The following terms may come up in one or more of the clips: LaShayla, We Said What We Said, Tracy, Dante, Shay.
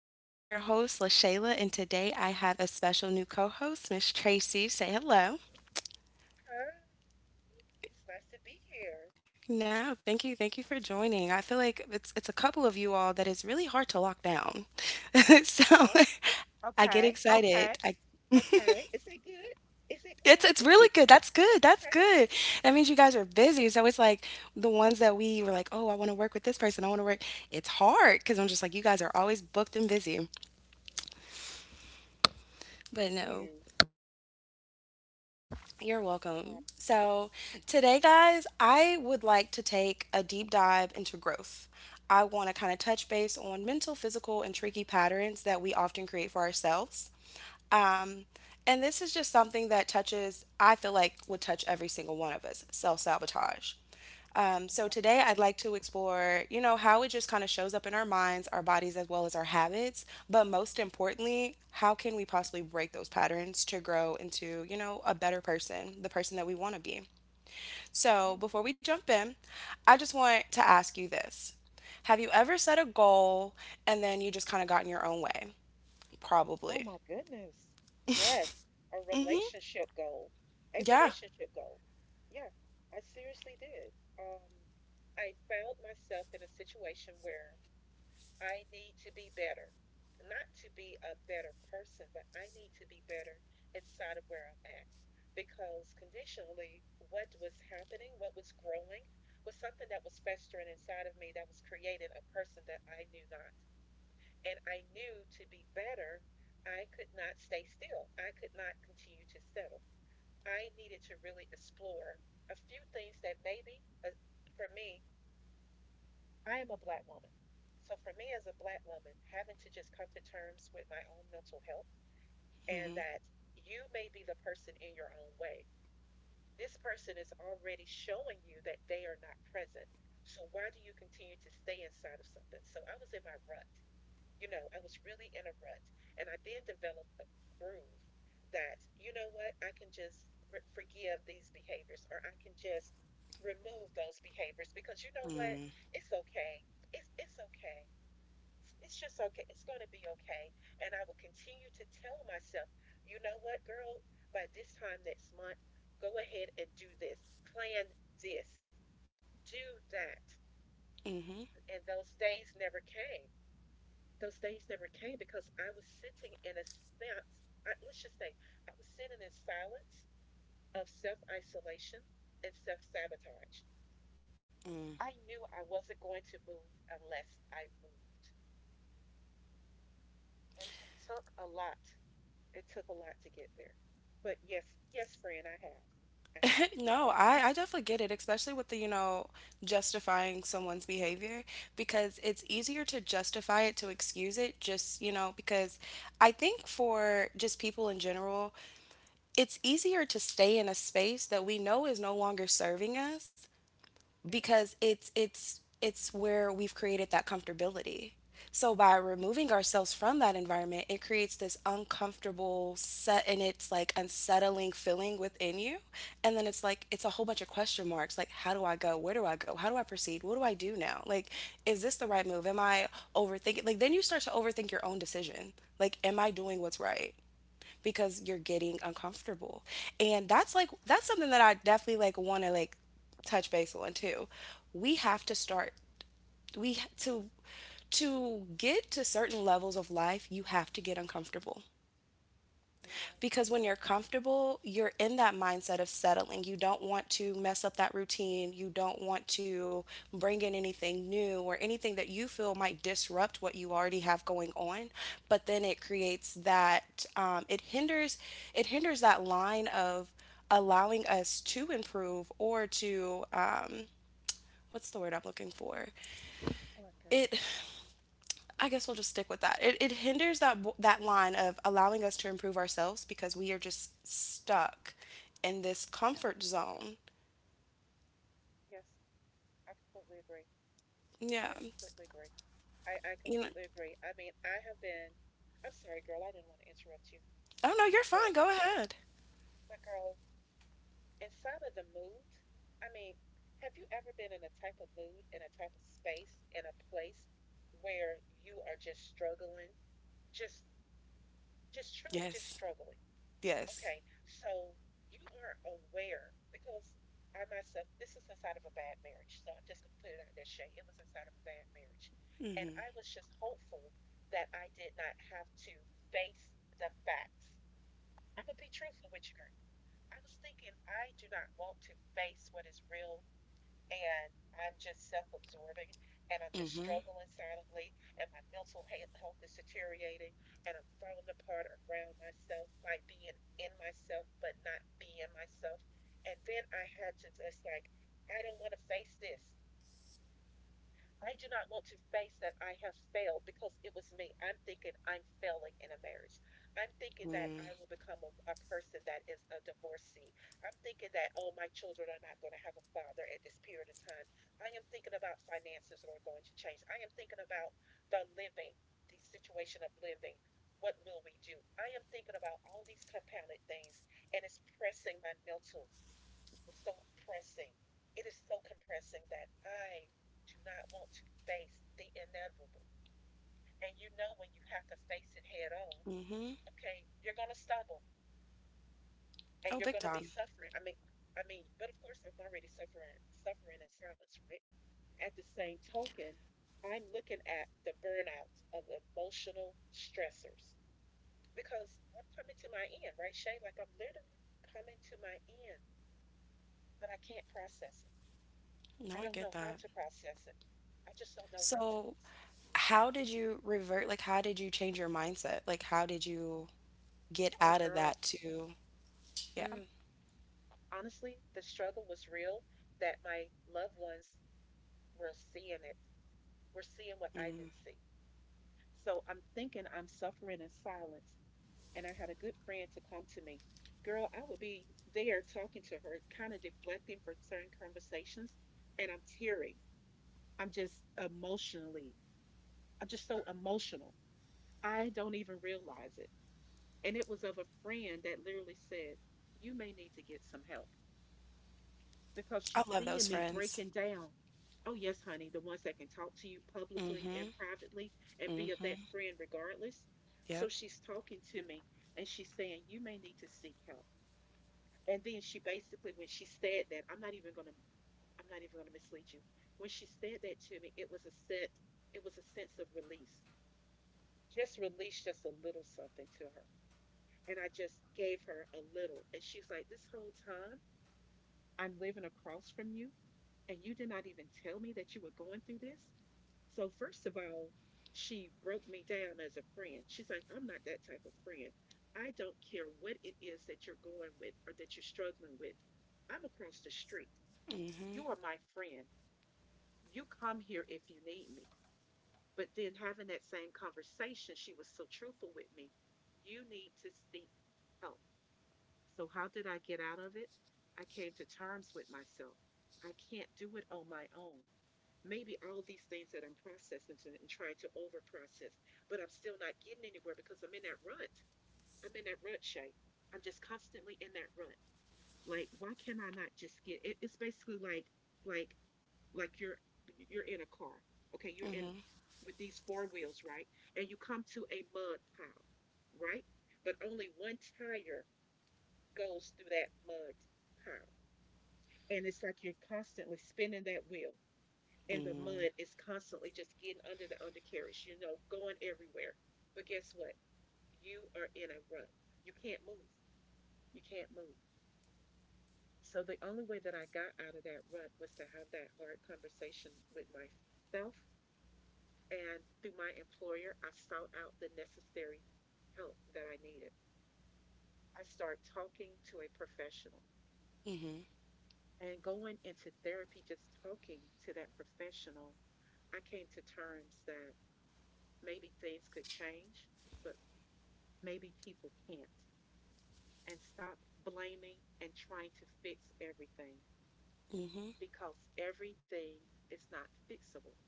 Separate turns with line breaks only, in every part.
It's your favorite host, LaShayla, and today I have a special new co host, Miss Tracy. Say hello.
Hi. It's nice to be here.
No, thank you. Thank you for joining. I feel like it's a couple of you all that is really hard to lock down. So
Oh,
I get
okay,
excited.
okay,
I
okay. Is it good? Is it good?
It's
Is
really
it
good.
good?
That's good. That's
Okay,
good. That means you guys
okay.
are busy. So it's like the ones that we were like, oh, I want to work with this person. I want to work. It's hard because I'm just like, you guys are always booked and busy.
Thank
But no,
you.
you're
Okay.
welcome. So today, guys, I would like to take a deep dive into growth. I want to kind of touch base on mental, physical, and tricky patterns that we often create for ourselves.
Ooh,
Um, and this is just something that touches, I feel like would touch every single one of us, self sabotage. So
okay.
today I'd like to explore, you know, how it just kind of shows up in our minds, our bodies, as well as our habits. But most importantly, how can we possibly break those patterns to grow into, you know, a better person, the person that we want to be?
Wow.
So before we jump in, I just want to ask you this. Have you ever set a goal and then you just kind of got in your own way?
Oh
Probably.
my goodness. Yes, a relationship goal. A
Yeah.
relationship goal. Yeah, I seriously did. Um, I found myself in a situation where I need to be better. Not to be a better person, but I need to be better inside of where I'm at. Because conditionally, what was happening, what was growing, was something that was festering inside of me that was creating a person that I knew not. And I knew to be better, I could not stay still. I could not continue to settle. I needed to really explore a few things that maybe for me I am a black woman. So for me as a black woman, having to just come to terms with my own mental health and
Mm-hmm.
that you may be the person in your own way. This person is already showing you that they are not present. So why do you continue to stay inside of something? So I was in my rut. You know, I was really in a rut. And I then developed a groove that, you know what, I can just forgive these behaviors or I can just remove those behaviors because you know what?
Mm.
It's okay. It's okay. It's, just okay. It's going to be okay. And I will continue to tell myself, you know what, girl, by this time next month, go ahead and do this, plan this, do that.
Mhm.
And those days never came, those days never came because I was sitting in a sense, I, let's just say, I was sitting in silence of self isolation and self sabotage.
Mm.
I knew I wasn't going to move unless I moved. And it took a lot. It took a lot to get there. But yes, yes, friend, I have. I have.
No, I definitely get it, especially with the justifying someone's behavior, because it's easier to justify it, to excuse it, just because I think for just people in general, it's easier to stay in a space that we know is no longer serving us, because it's it's where we've created that comfortability. So by removing ourselves from that environment, it creates this uncomfortable set, and it's like unsettling feeling within you. And then it's like it's a whole bunch of question marks. Like, how do I go? Where do I go? How do I proceed? What do I do now? Like, is this the right move? Am I overthinking? Like, then you start to overthink your own decision. Like, am I doing what's right? Because you're getting uncomfortable. And that's like that's something that I definitely like want to like touch base on too. We have to
Okay,
start we to get to certain levels of life, you have to get uncomfortable.
you're right.
Because when you're comfortable, you're in that mindset of settling. You don't want to mess up that routine. You don't want to bring in anything new or anything that you feel might disrupt what you already have going on. But then it creates that, it hinders that line of allowing us to improve, or to what's the word I'm looking for?
Oh my.
It I guess we'll just stick with that. It hinders that line of allowing us to improve ourselves, because we are just stuck in this
Yeah.
comfort zone.
Yes, I completely agree.
Yeah.
I completely agree. I
You know.
completely agree. I mean, I have been, I'm sorry, girl, I didn't want to interrupt you,
Oh no, you're
but
fine. Go ahead.
but girl, inside of the mood, I mean, have you ever been in a type of mood, in a type of space, in a place where you are just struggling, just just truly just
Yes.
struggling?
Yes.
Okay, so you are aware because I myself, this is inside of a bad marriage. So I'm just going to put it out there, Shay. It was inside of a bad marriage. And
Mm-hmm.
I was just hopeful that I did not have to face the facts. I'm going to be truthful with you, girl. I was thinking I do not want to face what is real and I'm just self absorbing and I'm just
Mm-hmm.
struggling silently and my mental health is deteriorating and I'm falling apart around myself, like being in myself but not being myself. And then I had to just like, I don't want to face this. I do not want to face that I have failed because it was me. I'm thinking I'm failing in a marriage. I'm thinking that I will become a person that is a divorcee. I'm thinking that, oh, my children are not going to have a father at this period of time. I am thinking about finances are going to change. I am thinking about the living, the situation of living. What will we do? I am thinking about all these compounded things, and it's pressing my mental, it's so pressing. It is so compressing that I do not want to face the inevitable. And you know when you have to face it head on,
Mm-hmm.
okay, you're gonna stumble and
Oh,
you're
big
gonna be
time.
suffering. I mean, I mean, but of course I'm already suffering suffering in silence, right? At the same token, I'm looking at the burnout of emotional stressors because I'm coming to my end, right, Shay? Like I'm literally coming to my end, but I can't process it.
No,
I
I
don't
get
know how
that.
to process it. I just don't know how to
So,
process it.
how did you revert? Like, how did you change your mindset? Like, how did you get
Oh,
out of that
girl.
to, yeah.
Mm. Honestly, the struggle was real that my loved ones were seeing it, were seeing what I didn't see. So I'm thinking I'm suffering in silence. And I had a good friend to come to me. Girl, I would be there talking to her, kind of deflecting from certain conversations. And I'm tearing. I'm just emotionally, I'm just so emotional. I don't even realize it. And it was of a friend that literally said, you may need to get some help because she's
I love
seeing
those
me breaking
friends.
down. Oh, yes, honey, the ones that can talk to you publicly and
Hmm.
privately and be of that
Hmm.
friend regardless. So
Yep.
she's talking to me and she's saying, you may need to seek help. And then she basically, when she said that, I'm not even going to. I'm not even going to mislead you. When she said that to me, it was a set, it was a sense of release. Just release just a little something to her. And I just gave her a little. And she's like, this whole time, I'm living across from you, and you did not even tell me that you were going through this. So, first of all, she broke me down as a friend. She's like, I'm not that type of friend. I don't care what it is that you're going with or that you're struggling with. I'm across the street. You are my friend. You come here if you need me. But then having that same conversation, she was so truthful with me. You need to seek help. So, how did I get out of it? I came to terms with myself. I can't do it on my own. Maybe all these things that I'm processing and trying to overprocess, but I'm still not getting anywhere because I'm in that rut. I'm in that rut shape. I'm just constantly in that rut. Like, why can I not just get it? It's basically like, like, like you're in a car. Okay, you're in with these four wheels, right? And you come to a mud pile, right? But only one tire goes through that mud pile. And it's like you're constantly spinning that wheel, and the
Mm.
mud is constantly just getting under the undercarriage, you know, going everywhere. But guess what? You are in a rut. You can't move. You can't move. So the only way that I got out of that rut was to have that hard conversation with myself. And through my employer, I sought out the necessary help that I needed. I started talking to a professional.
Mhm.
And going into therapy, just talking to that professional, I came to terms that maybe things could change, but maybe people can't. And stop blaming and trying to fix everything
Mhm.
because everything is not fixable.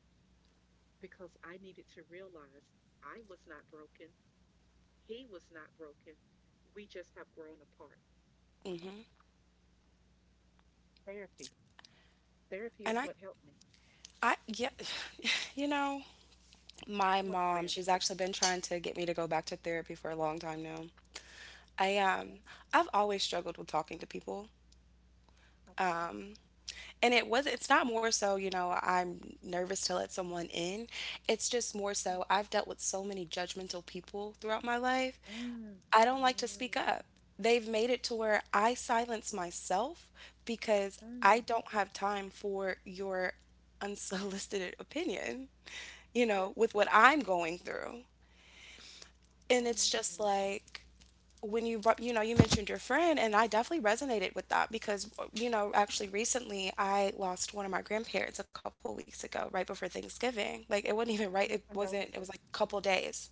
Because I needed to realize I was not broken, he was not broken. We just have grown apart.
Mhm.
Therapy. Therapy
And
is
I,
what helped me.
I, yeah, you know, my
What
mom,
friend?
she's actually been trying to get me to go back to therapy for a long time now. I um,
Okay,
I've always struggled with talking to people.
okay.
And it's not more so, I'm nervous to let someone in. It's just more so I've dealt with so many judgmental people throughout my life.
Mm,
I don't like to speak
mm,
up. They've made it to where I silence myself, because I
mm.
don't have time for your unsolicited opinion, you
Yes.
know, with what I'm going through.
Oh
And
my
it's just
goodness.
like, when you mentioned your friend, and I definitely resonated with that, because actually recently I lost one of my grandparents a couple weeks ago, right before Thanksgiving. Like, it wasn't even right, it
My
wasn't, it was
condolences.
like a couple days.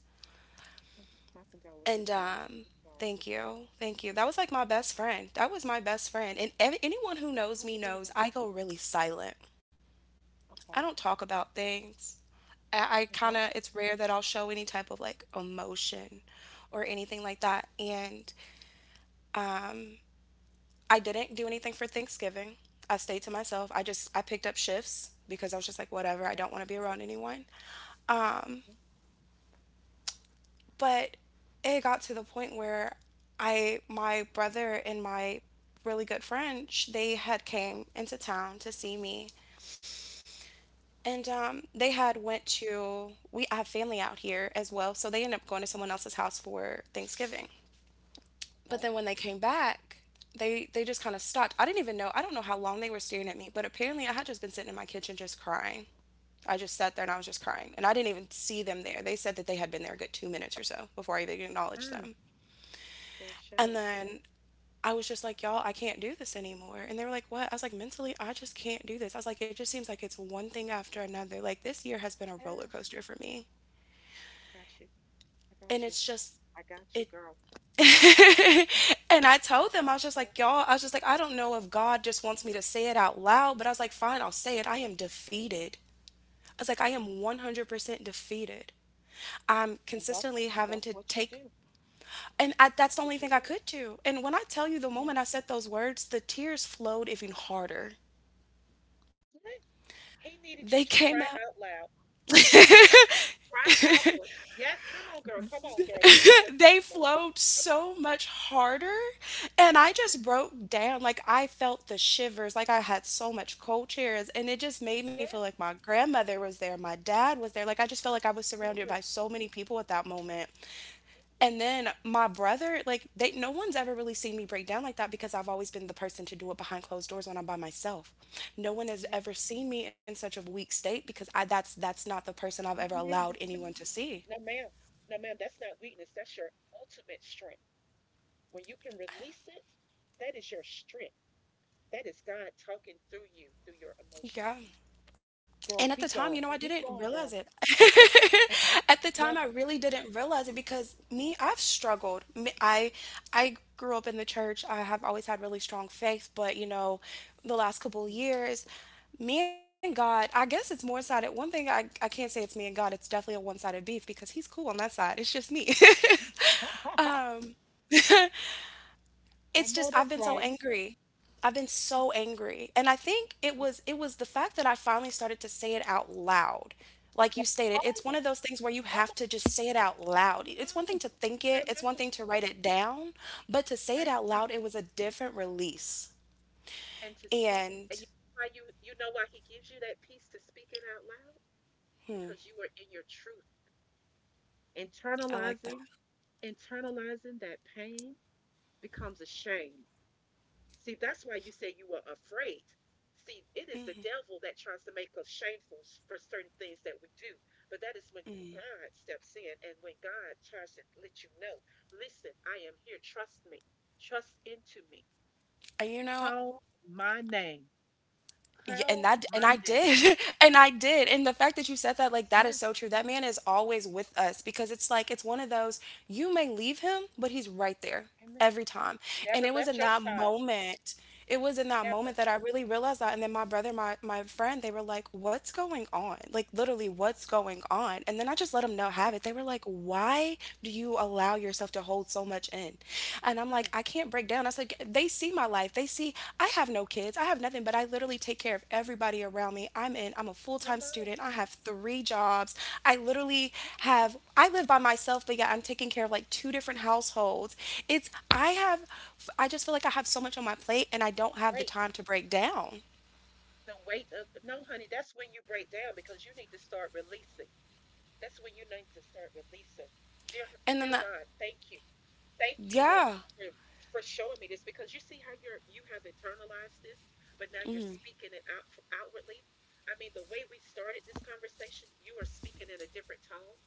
My, my
And
condolences, honey. I'm sorry.
thank you, thank you. That was like my best friend. That was my best friend. And anyone who knows
I
me
believe
knows
that.
I go really silent. I don't
Okay.
talk about things. I kind of,
Uh-huh.
it's rare that I'll show any type of like emotion or anything like that. And I didn't do
Oh
anything
my
for
goodness.
Thanksgiving. I stayed to myself. I just I picked up shifts because I was just like, whatever, I
Okay.
don't want to be around anyone.
Mm-hmm.
But it got to the point where I my brother and my really good friend, they had came into town to see me. And they had went to we I have family out here as well, so they ended up going to someone else's house for Thanksgiving.
Mm-hmm.
But
Okay.
then when they came back, they just kind of stopped. I didn't even know. I don't know how long they were staring at me, but apparently I had just been sitting in my kitchen just crying. I just sat there and I was just crying, and I didn't even see them there.
Yeah.
They said that they had been there a good 2 minutes or so before I even acknowledged
Mm,
them.
girl, shut
And
up.
then I was just like, y'all, I can't do this anymore. And they were like, what? I was like, mentally, I just can't do this. I was like, it just seems like it's one thing after another. Like, this year has been a roller
Yes.
coaster for me.
I got you. I
And
got you.
it's just,
I got you,
it
girl. Mm,
and I
I
told them, I
got
was
you,
just
girl.
like, y'all, I was just like, I don't know if God just wants me to say it out loud, but I was like, fine, I'll say it. I am defeated. I was like, I am 100% defeated. I'm
And that's
consistently having
that's
to
what you
take,
do.
that's the
That's
only
what you
thing I
do.
could do. And when I tell you, the
Yeah.
moment I said those words, the tears flowed even harder.
Yeah. He needed you
They
to
came
cry
out.
out loud. He needed you to cry outward. Yes, come on, girl. Come on, girl. Give me your
They
testimony.
flowed
Come on.
so much harder, and I just
Mm-hmm.
broke down. Like, I felt the shivers, like I had so much cold chairs, and it just made me feel
Yes,
like my grandmother was there, my dad was there. Like, I just felt like I was surrounded
absolutely.
by so many people at that moment. And
Yes.
then my brother, like they no one's ever really seen me break down like that, because I've always been the person to do it behind closed doors when I'm by myself. No one has ever seen me in such a weak state, because I that's not the person I've
No,
ever
ma'am,
allowed
that's not
anyone
weak.
to see.
No, ma'am. No, ma'am, that's not weakness. That's your ultimate strength. When you can release it, that is your strength. That is God talking through you, through your emotions.
Yeah.
Girl,
And at the
keep
time, you
going.
know, I
Keep
didn't
going, girl.
realize it.
Okay.
At the
Yes.
time, I really didn't realize it, because me, I've struggled. I grew up in the church. I have always had really strong faith, but the last
Yeah.
couple of years, me and God, I guess it's more sided. One thing I can't say, it's me and God, it's definitely a one sided beef, because he's cool on that side. It's just me.
I
It's
know
just
that's
I've been
right.
so angry. I've been so angry. And I think it
Yeah,
was it was the fact that I finally started to say it out loud. Like
that's
you stated,
right.
it's one of those things where you
Come
have
on.
to just say it out loud.
Come
It's one thing
on.
to think it, it's
Come
one
on.
thing to write it down, but to say it
Thank
out loud,
you.
it was a different release.
And to speak,
And
and you know why you know why he gives you that peace to speak it out loud? Because you were in your truth.
I like that.
Internalizing, internalizing that pain becomes a shame. See, that's why you say you were afraid. See, it is the devil that tries to make us shameful for certain things that we do. But that is when God steps in and when God tries to let you know, listen, I am here. Trust me. Trust into me.
Uh, You know,
Call my name.
Yeah, and
Call
that and
my
I
name.
did. And I did. And the fact that you said that, like,
Yes,
that is
ma'am.
so true. That man is always with us, because it's like, it's one of those, you may leave him, but he's right there
Amen.
every time. And
Never
it was
let
in
your
that
side.
moment. It was in that moment
Never.
that I really realized that. And then my brother my my friend they were like, "What's going on?" Like, literally, "What's going on?" And then I just let them know, have it.
Yes.
They were like, "Why do you allow yourself to hold so much in?" And I'm like,
Mm.
I can't break down. I said, they see my life. They see I have no kids. I have nothing, but I literally take care of everybody around me. I'm a full time
Come on.
student. I have three jobs. I literally
Mhm.
have, I live by myself, but yeah, I'm taking care of like two different households. It's, I have, I just feel like I have so much on my plate, and I don't have the
Weight,
time to break down.
the weight of no, honey, that's when you break down because you need to start releasing. That's when you need to start releasing. Dear,
And then
dear
the
God, thank you, Lord,
yeah.
for showing me this because you see how you have internalized this, but now you're speaking it out outwardly. I mean, the way we started this conversation, you are speaking in a different tone.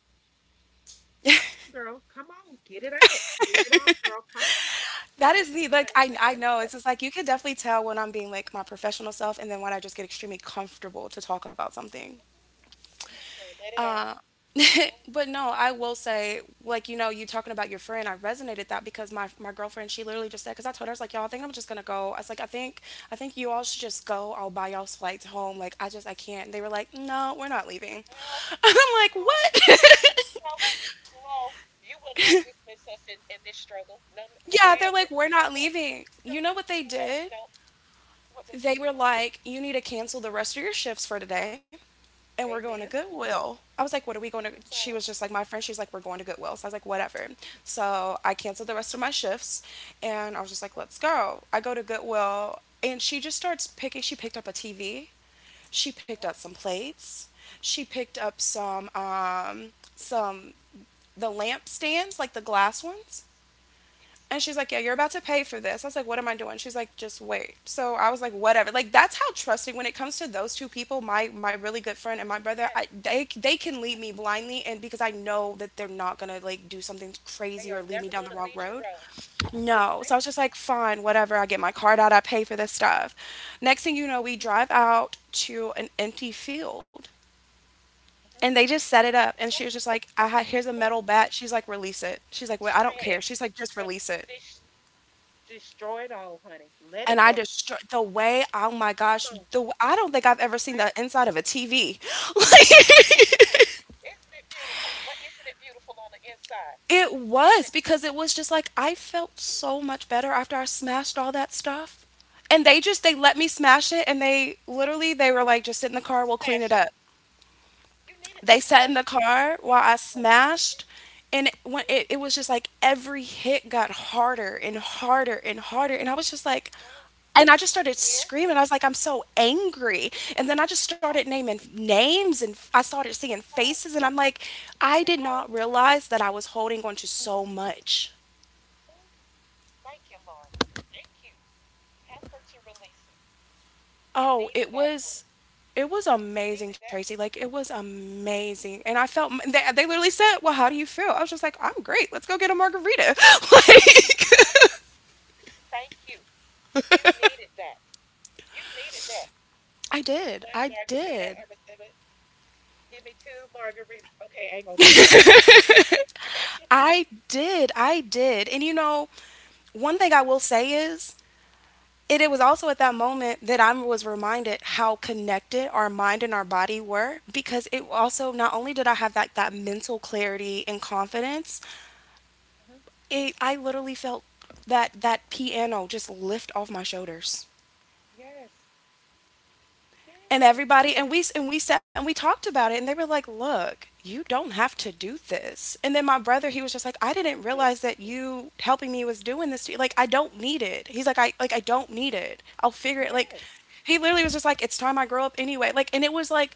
Come on, girl, come on, get it out, girl. Come on,
That
come
is the
on,
like
honey, I'm
I
here for
know
you.
it's just like you can definitely tell when I'm being like my professional self and then when I just get extremely
Yes,
comfortable to talk about something.
come on, come on, girl, let it out. Come on.
But no, I will say like you talking about your friend, I resonated that because my girlfriend she literally just said because I told her I was like y'all I think I'm just gonna go. I was like I think you all should just go. I'll buy y'all's flights home. Like I can't. They were like no we're not leaving.
No,
I'm like
no,
what?
no, no. You will not dismiss us in this struggle. No, no,
Yeah, they're
ma'am.
like,
We're,
we're
you know
not
what?
leaving. You
No,
know what they
no,
did?
no. What they
They
did,
were
girl.
like, you need to cancel the rest of your shifts for today, and we're going to
Amen.
Goodwill. I was like, what are we going to?
Come
She was
on.
just like, my friend, she's like, we're going to Goodwill. So I was like, whatever. So I canceled the rest of my shifts and I was just like,
Uh-huh,
let's go. I go to Goodwill and she just starts picking, she picked up a TV, she picked up
uh-huh.
some plates, she picked up some, some, the lamp stands, like the glass ones.
Yes,
And
yes.
she's like, yeah, you're about to pay for this. I was like, what am I doing? She's like, just wait. So I was like, whatever. Like, that's how trusting when it comes to those two people, my really good friend and my
Oh,
brother,
yes,
they can lead
yes.
me blindly. And because I know that they're not going to like do something
They
crazy
are
or lead me
never
down
going
the
to
wrong
lead you
road.
wrong. Yes,
No. So I
ma'am.
was just like, fine, whatever. I get my card out. I pay for this stuff. Next thing you know, we drive out to an empty field
Uh-huh.
and they just set it up
Come
and she was
on.
just like here's a
Come on.
metal bat. She's like release it. She's like well, I
Destroy
don't
it.
care. She's like just
Dr-
release it.
des- Destroy it all, honey. Let
And
it
I
go.
destroy the way. Oh my gosh,
Come on.
I don't think I've
Yes,
ever seen the
ma'am.
inside of a TV.
Come on.
Like,
Isn't it beautiful? What not it beautiful on the inside?
it
Isn't
was
it
because it
beautiful?
was just like I felt so much better after I smashed all that stuff. And they let me smash it and they were like just sit in the
To
car, we'll clean it
smash it.
up.
You needed to
They sat in
smash
the
it. You
car while
needed
I
to smash it. Yes,
smashed, and it
yes,
was just like every hit got harder and harder and harder, and I was just like,
yes, ma'am.
and I just started
It's here.
screaming. I was like, I'm so angry. And then I just started
Come on,
naming names and I started seeing
come on,
faces. And I'm like, I
come
did
on,
not realize that I was holding on to
come
so
on.
much.
Ooh, thank you, Lord. Thank you. Help her to release it. You
Oh,
needed that, honey.
it was
You
amazing,
needed that.
Tracy. Like it was amazing. And I felt they literally said, "Well, how do you feel?" I was just like, "I'm great. Let's go get a margarita." like
Thank you. Thank you. You needed that. You needed that.
I did.
One
I
margarita. I
did.
receive it. Give me two margaritas. Okay, I ain't gonna go to that part. Okay, I got you.
I did. I did. And you know, one thing I will say is it was also at that moment that I was reminded how connected our mind and our body were because it also not only did I have that mental clarity and confidence.
Hmm.
I literally felt that piano just lift off my shoulders.
Yes. Yes.
And
But
everybody and we sat and we talked about it and they were like, "Look, you don't have to do this." And then my brother, he was just like, "I didn't realize that you helping me was doing this to you. Like, I don't need it." He's like, I don't need it. I'll figure it." Like,
yes.
he literally was just like, "It's time I grow up anyway." Like, and it was like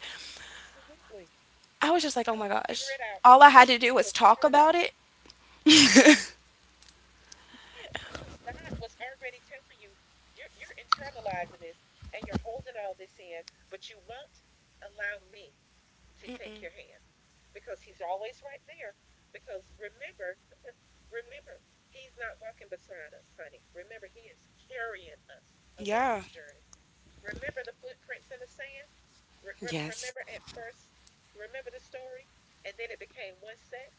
Absolutely.
I was just like, "Oh
I
my
will figure
gosh."
it out.
All I had to do
I
was
will
talk
figure it out.
about it.
Yes, because God was already telling you, you're internalizing this and you're holding all this in, but you won't allow me to take your hand because He's always right there. Because remember, remember, He's not walking beside us, honey. Remember, He is carrying us along this
Yeah.
journey. Remember the footprints in the sand? Remember
Yes.
at first, remember the story? And then it became one set.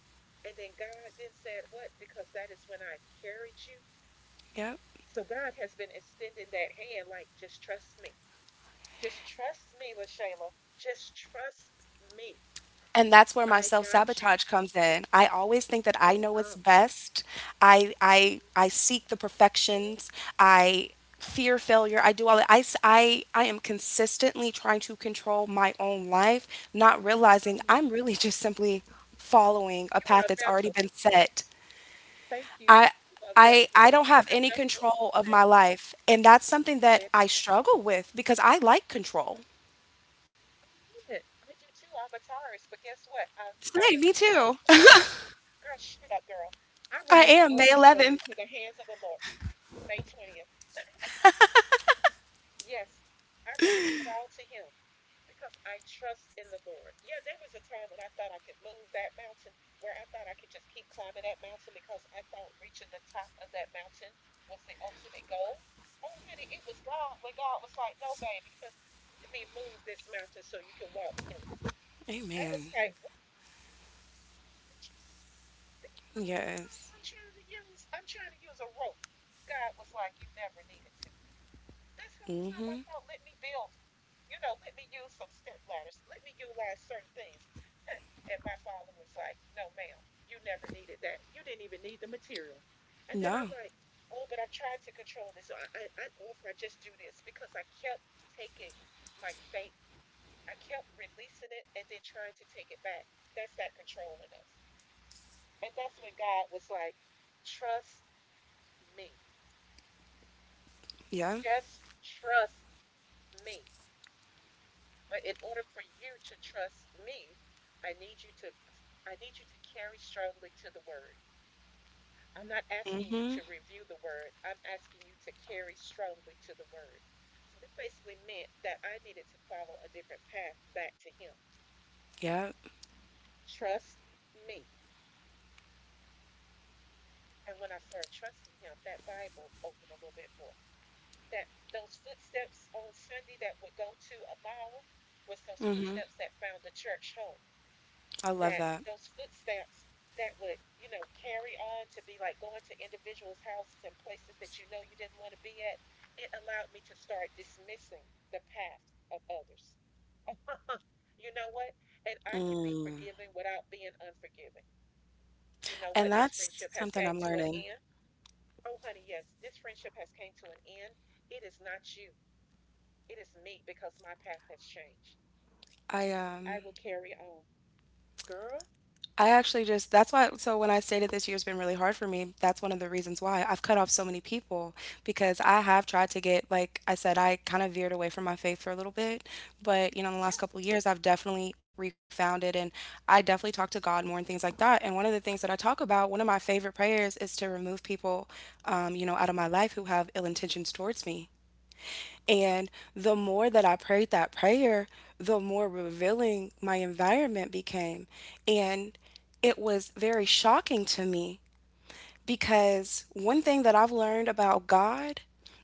And then God then said, what? Because that is when I carried you.
Yep.
So God has been extending that hand, like, just trust me. Just trust me, LaShayla. Just trust me.
And that's where my
I got you.
self-sabotage comes in. I always think that I
Oh,
know
God.
what's best. I seek the perfections. I fear failure. I do all that. I s- I am consistently trying to control my own life, not realizing
Oh,
I'm really just simply following
you
a
are
path
a
that's already
vessel.
been set.
Thank you.
I
You are a
I
vessel.
I don't have
You're a
any
vessel.
control of
Say,
my life, and that's something that
say
I struggle with because I like control.
I knew it. I do too. I'm a Taurus, but guess what? I
Same, me
release all
too.
control into girl. Shut up, girl. I
I
release
am
all
May
control
11th.
into the hands of the Lord. May 20th. Yes, I release it all to Him because I trust in the Lord. Yeah, there was a time when I thought I could move that mountain, where I thought I could just keep climbing that mountain because I thought reaching the top of that mountain was the ultimate goal. Oh, honey, it was God when God was like, "No, baby, let me move this mountain so you can walk through." I was
Amen.
like, "What?" Stitches. This whole time
Yes.
I'm trying to use a rope. God was like, you never needed to. This whole time I
Mhm.
thought, let me build it. You know, let me use some step ladders. Let me utilize certain things. And my father was like, no, ma'am, you never needed that. You didn't even need the material. And then I'm
No.
like, oh, but I'm trying to control this. So I know if I just do this because I kept taking my faith, I kept releasing it and then trying to take it back. That's that control in us. And that's when God was like, trust me.
Yeah.
Just trust me. But in order for you to trust me, I need you to I need you to carry strongly to the word. I'm not asking you
Mhm.
to review the word. I'm asking you to carry strongly to the word. So that basically meant that I needed to follow a different path back to him.
Yep.
Trust me. And when I started trusting him, that Bible opened a little bit more. That those footsteps on Sunday that would go to a mall was those
Mhm.
footsteps that found the church home.
I love
That
that.
those footsteps that would, carry on to be like going to individuals' houses and places that you know you didn't want to be at, it allowed me to start dismissing the past of others. You know what? And I can be forgiving without being unforgiving. You know
And
what? This
that's
friendship has
something
came
I'm
to an
learning.
end. Oh, honey, yes, this friendship has came to an end. It is not you. It is me because my path has changed.
I
I
um
will carry on. Girl,
I actually just that's why so when I stated this year's been really hard for me, that's one of the reasons why I've cut off so many people because I have tried to get like I said I kind of veered away from my faith for a little bit, but you know in the
yeah.
last couple of years I've definitely refound it and I definitely talk to God more and things like that. And one of the things that I talk about, one of my favorite prayers is to remove people you know out of my life who have ill intentions towards me
Yes.
and the more that I prayed that prayer, the more revealing my environment became. And it was very shocking to me because one thing that I've learned about God,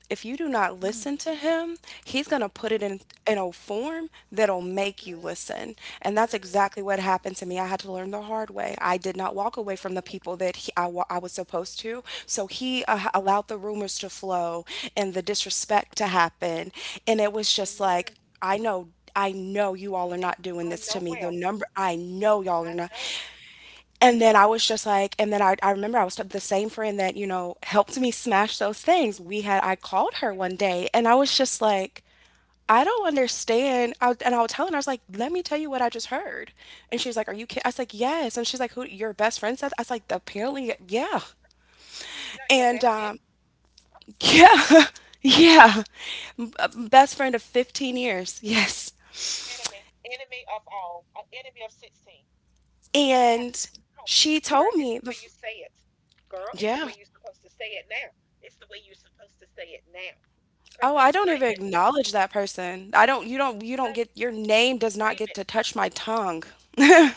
if you do not
Mm,
listen to him, he's going to put it
mm,
in a form that'll make
mm,
you listen. And
mm,
that's
mm.
exactly what happened to me. I had to learn the hard way. I did not walk away from the
Ooh,
people that I was supposed to. So he allowed the rumors
mm,
to flow and the
that's
disrespect to
right.
happen. And it was just like,
Amen.
I know I know you all are not doing
I
this to
know
me. The
well.
number I know y'all are
I
not.
know.
And then I
Yeah,
was just like, and then I remember the same friend that, you know, helped me smash those things. We had, I called her
yeah.
one day and I was just like, I don't understand. And I was telling her, I was like, let me tell you what I just heard. And she was like, are you kidding? I was like, yes. And she's like, who, your best friend said? I was like, apparently, yeah.
No, your
And
best
yeah, yeah. Best friend of 15 years. Yes.
enemy, enemy of all, enemy of 16. Oh,
And she told
girl, it's
me,
the way you say it. Girl, it's the
yeah.
way you're supposed to say it now. It's the way you're supposed to say it now. Come
Oh,
on,
I don't even
claim it.
acknowledge that person. I don't you don't
Girl,
get your name does not
claim
get to
it.
touch my tongue.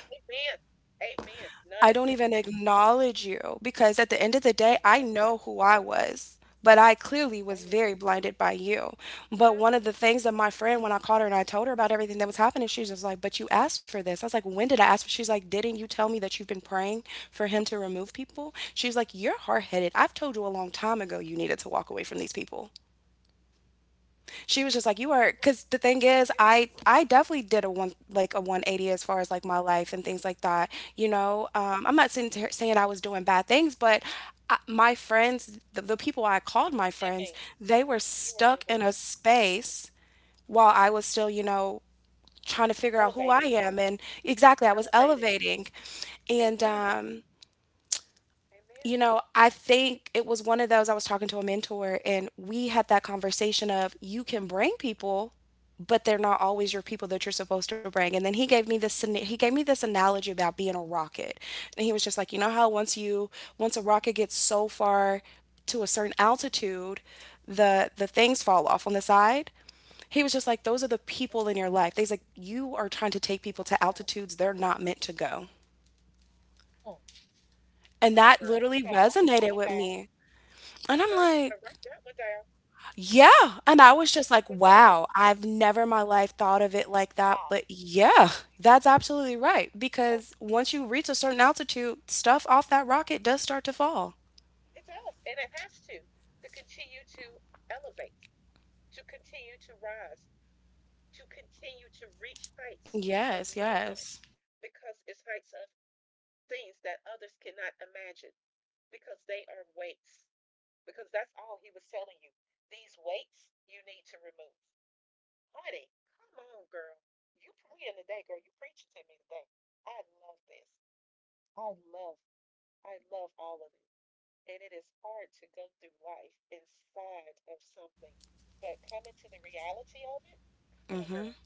Amen. Amen.
I
None
don't even
assistance.
acknowledge you because at the end of the
I
day, I
love that.
know who I was, but I clearly
Say
was
it.
very blinded by you. But one
Mm.
of the things that my friend, when I called her and I told her about everything that was happening, she was just like, but you asked for this. I was like, when did I ask for? She's like, didn't you tell me that you've been praying for him to remove people? She's like, you're hard headed.
Mm.
I've told you a long time ago you needed to walk away from these people. She was just like you are
What
because
is
the thing is
this?
I definitely did a one like a 180 as far as like my life and things like that, you
You're
know I'm not saying, saying I was doing bad things but I, my friends the people I called my friends
living.
they were
You are
stuck
living.
in a space while I
Yes.
was still you know trying to figure out who I
Elevating.
am and exactly I was
Elevating.
elevating and
Amen. Amen.
you know, I
Amen.
think it was one of those I was talking to a mentor and we had that conversation of you can bring people, but they're not always your people that you're supposed to bring. And then he gave me he gave me this analogy about being a rocket. And he was just like, "You know how once you once a rocket gets so far to a certain altitude, the things fall off on the side. He was just like, those are the
Mhm.
people in your life. They's like, you are trying to take
I
people
love
to
that.
altitudes they're not meant to go.
Oh,
And
come on,
that
girl. You
literally
better write that
resonated
one
with
down.
me. And I'm
Girl, you
like,
better write that one down.
yeah,
You
and I
better write
was
that
just like,
one down.
"Wow, I've never in my life thought of it like that,"
Wow.
but yeah, that's absolutely right,
Oh,
because once you reach a certain altitude, stuff off that rocket does start to fall.
it does. And it has to. To continue to elevate, to continue to rise. To continue to reach heights of
Yes,
no one
yes.
because it's heights of things that others cannot imagine because they are weights. Because that's all he was telling you. These weights you need to remove. Honey, come on, girl. You praying today, girl. You preaching to me today. I love this. I love, I love all of it. And it is hard to go through life inside of something. But coming to the reality of it, come on,
Mhm.
girl.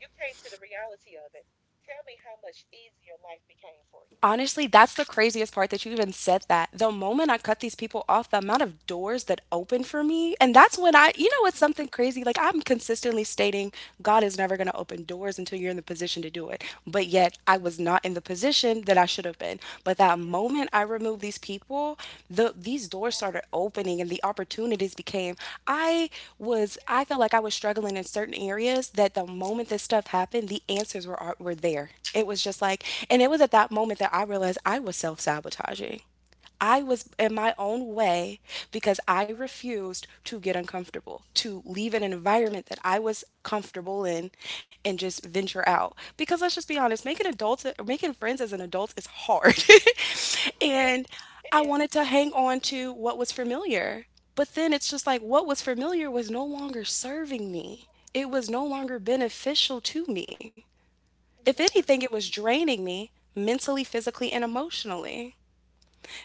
You came to the reality of it. Tell me how much easier life became for you.
Honestly, that's the craziest part that you even said that. The moment I cut these people off, the amount of doors that open for me, and that's when I, you know, it's
Mm,
something crazy. Like I'm consistently stating, God is never going to open doors until you're in the position to do it. But yet I was not in the position that I should have been. But that the moment I removed these people, these doors
yes,
started opening and the opportunities became. I I
yes,
felt like I was struggling in certain areas that the moment this stuff
yes.
happened, the answers were were there. It was just like, and it was at that moment that I realized I was self sabotaging. I was in my own way because I
Mm, mm,
refused to get uncomfortable, to leave an environment that I was comfortable in and just venture out.
yes,
Because let's just be honest, making friends as an adult is hard.
it is.
And
It
I
is.
wanted to
It
hang
is.
on to what was familiar. But then it's just like what was familiar was no longer serving me. It was no longer beneficial to me.
It
If
was not.
anything, it was draining me mentally, physically, and emotionally.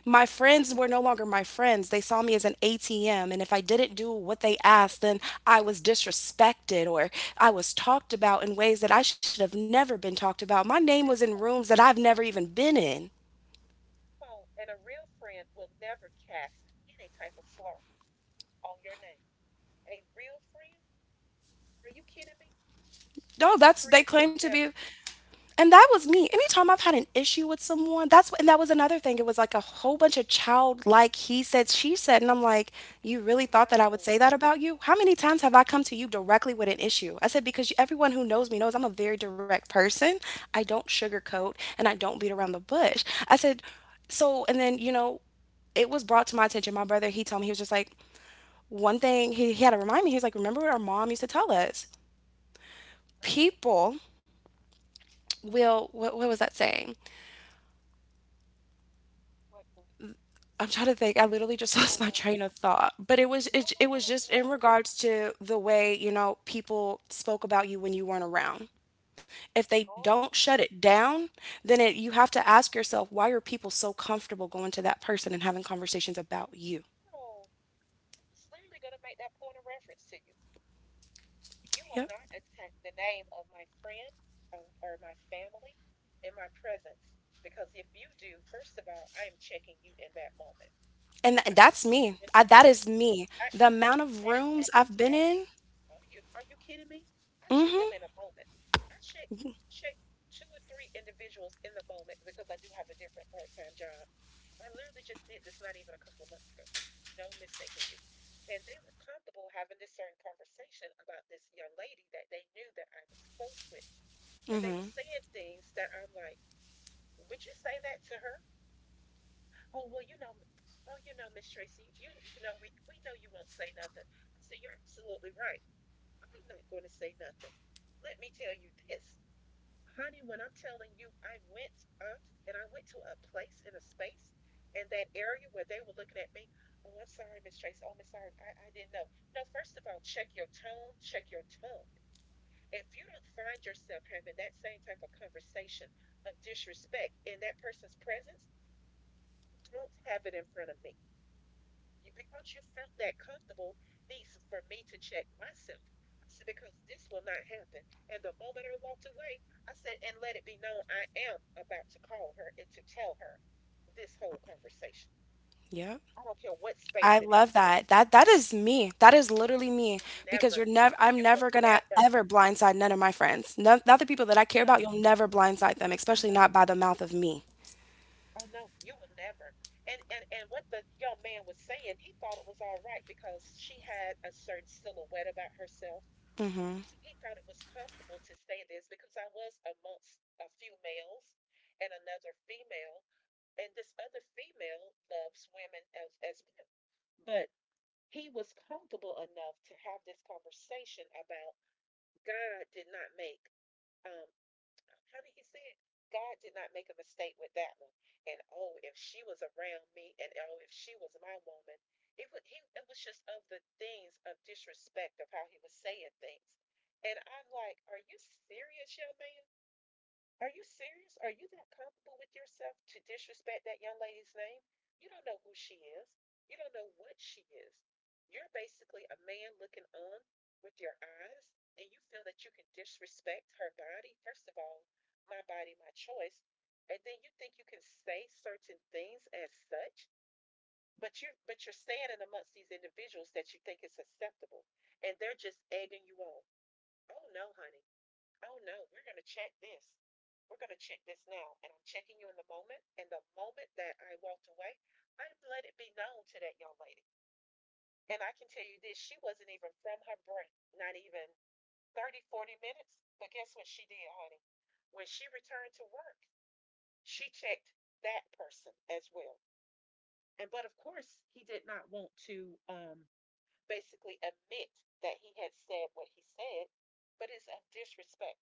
My
Oh my
friends were
goodness.
no longer my friends. They saw me as an ATM. And if I didn't do what they
Mm, mm, mm.
asked, then I was disrespected or I was talked about in ways that I should have never been talked about. My name was in rooms that I've never even been in.
And a real friend will never cast any type of slur on your name. A real friend? Are you kidding me? My
No, that's, they
friends would
claim to be.
never.
And that was me.
Honey.
Anytime I've had an issue with someone, that was another thing. It was like a whole bunch of childlike he said, she said, and I'm like, you really
Oh
thought that I would
no.
say that about you? How many times have I come to you directly with an issue? I said, because everyone who
Okay.
knows me knows I'm a very direct person. I don't sugarcoat and I don't beat around the bush. I said, so and then it was brought to my attention. My brother, he told me, he was just like one thing. He had to remind me. He was like, remember what our mom used to tell us?
Mm,
People will. What was that saying?
like.
I'm trying to think. I literally just
People
lost
will
my
write,
train of thought, but
no, no,
it
no,
was just
no.
in regards to the way, people spoke about you when you weren't around. If they
Oh,
don't shut it down, then you have to ask yourself, why are people so comfortable going to that person and having conversations about you?
no. It's literally going to make that point of reference to you. You will
Yep.
not attack the name of my friend or my family in my presence because if you do, first of all, I am checking you in that moment.
And
I
that's
literally
me.
just
I,
did
that is
this.
me.
I,
The amount of
That is my
rooms I've been
personality.
in.
Are you kidding me? I shake
Mhm.
them in a moment. I shake two or three individuals in the moment because I do have a different part time job. I literally just did this not even a couple of months ago. No mistaking you. And they were comfortable having this certain conversation about this young lady that they knew that I was close with. And they were
Mhm.
saying things that I'm like, would you say that to her? Oh well, you know, oh you know, Miss Tracy, you know we know you won't say nothing. I said, you're absolutely right. I'm not going to say nothing. Let me tell you this. Honey, when I'm telling you, I went up and I went to a place in a space in that area where they were looking at me. Oh, I'm sorry, Miss Tracy. Oh, Miss Iron, I didn't know. No, first of all, check your tone, check your tone. If you don't find yourself having that same type of conversation of disrespect in that person's presence, don't have it in front of me. Yeah, because you felt that comfortable needs for me to check myself. I said, because this will not happen. And the moment I walked away, I said, and let it be known I am about to call her and to tell her this whole conversation.
Yep.
I don't care what space
I
it is.
love that. That is me. That is literally
You
me
will
because you're
never,
never I'm
you will
never gonna
never,
ever blindside none of my friends. No, not the people that I
I
care
know,
about, you'll never blindside them,
I
especially
know,
not by the mouth of me.
I know, you will never. And what the young man was saying, he thought it was all right because she had a certain silhouette about herself. So he thought it was comfortable to say this because I was amongst a few males and another female, and this other female loves women as well. But he was comfortable enough to have this conversation about God did not make um, how did he say it? God did not make a mistake with that one. And oh, if she was around me, and oh, if she was my woman, it was he, it was just of the things of disrespect of how he was saying things. And I'm like, are you serious, young man? Are you serious? Are you that comfortable with yourself to disrespect that young lady's name? You don't know who she is. You don't know what she is. You're basically a man looking on with your eyes, and you feel that you can disrespect her body. First of all, my body, my choice. And then you think you can say certain things as such, but you're standing amongst these individuals that you think is acceptable. And they're just egging you on. Oh no, honey. Oh no, we're going to check this. We're going to check this now. And I'm checking you in the moment. And the moment that I walked away, I let it be known to that young lady. And I can tell you this, she wasn't even from her break, not even 30, 40 minutes. But guess what she did, honey? When she returned to work, she checked that person as well. And but of course, he did not want to basically admit that he had said what he said, but it's a disrespect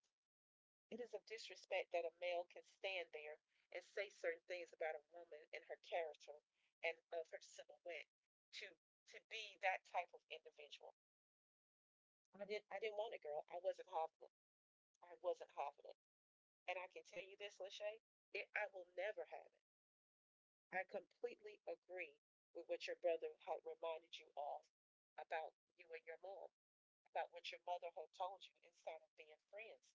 It Is a disrespect that a male can stand there and say certain things about a woman and her character and of her silhouette to to be that type of individual. I didn't want a girl. I wasn't having it. I wasn't having it. And I can tell you this, Lachey, it, I will never have it. I completely agree with what your brother had reminded you of about you and your mom, about what your mother had told you instead of being friends.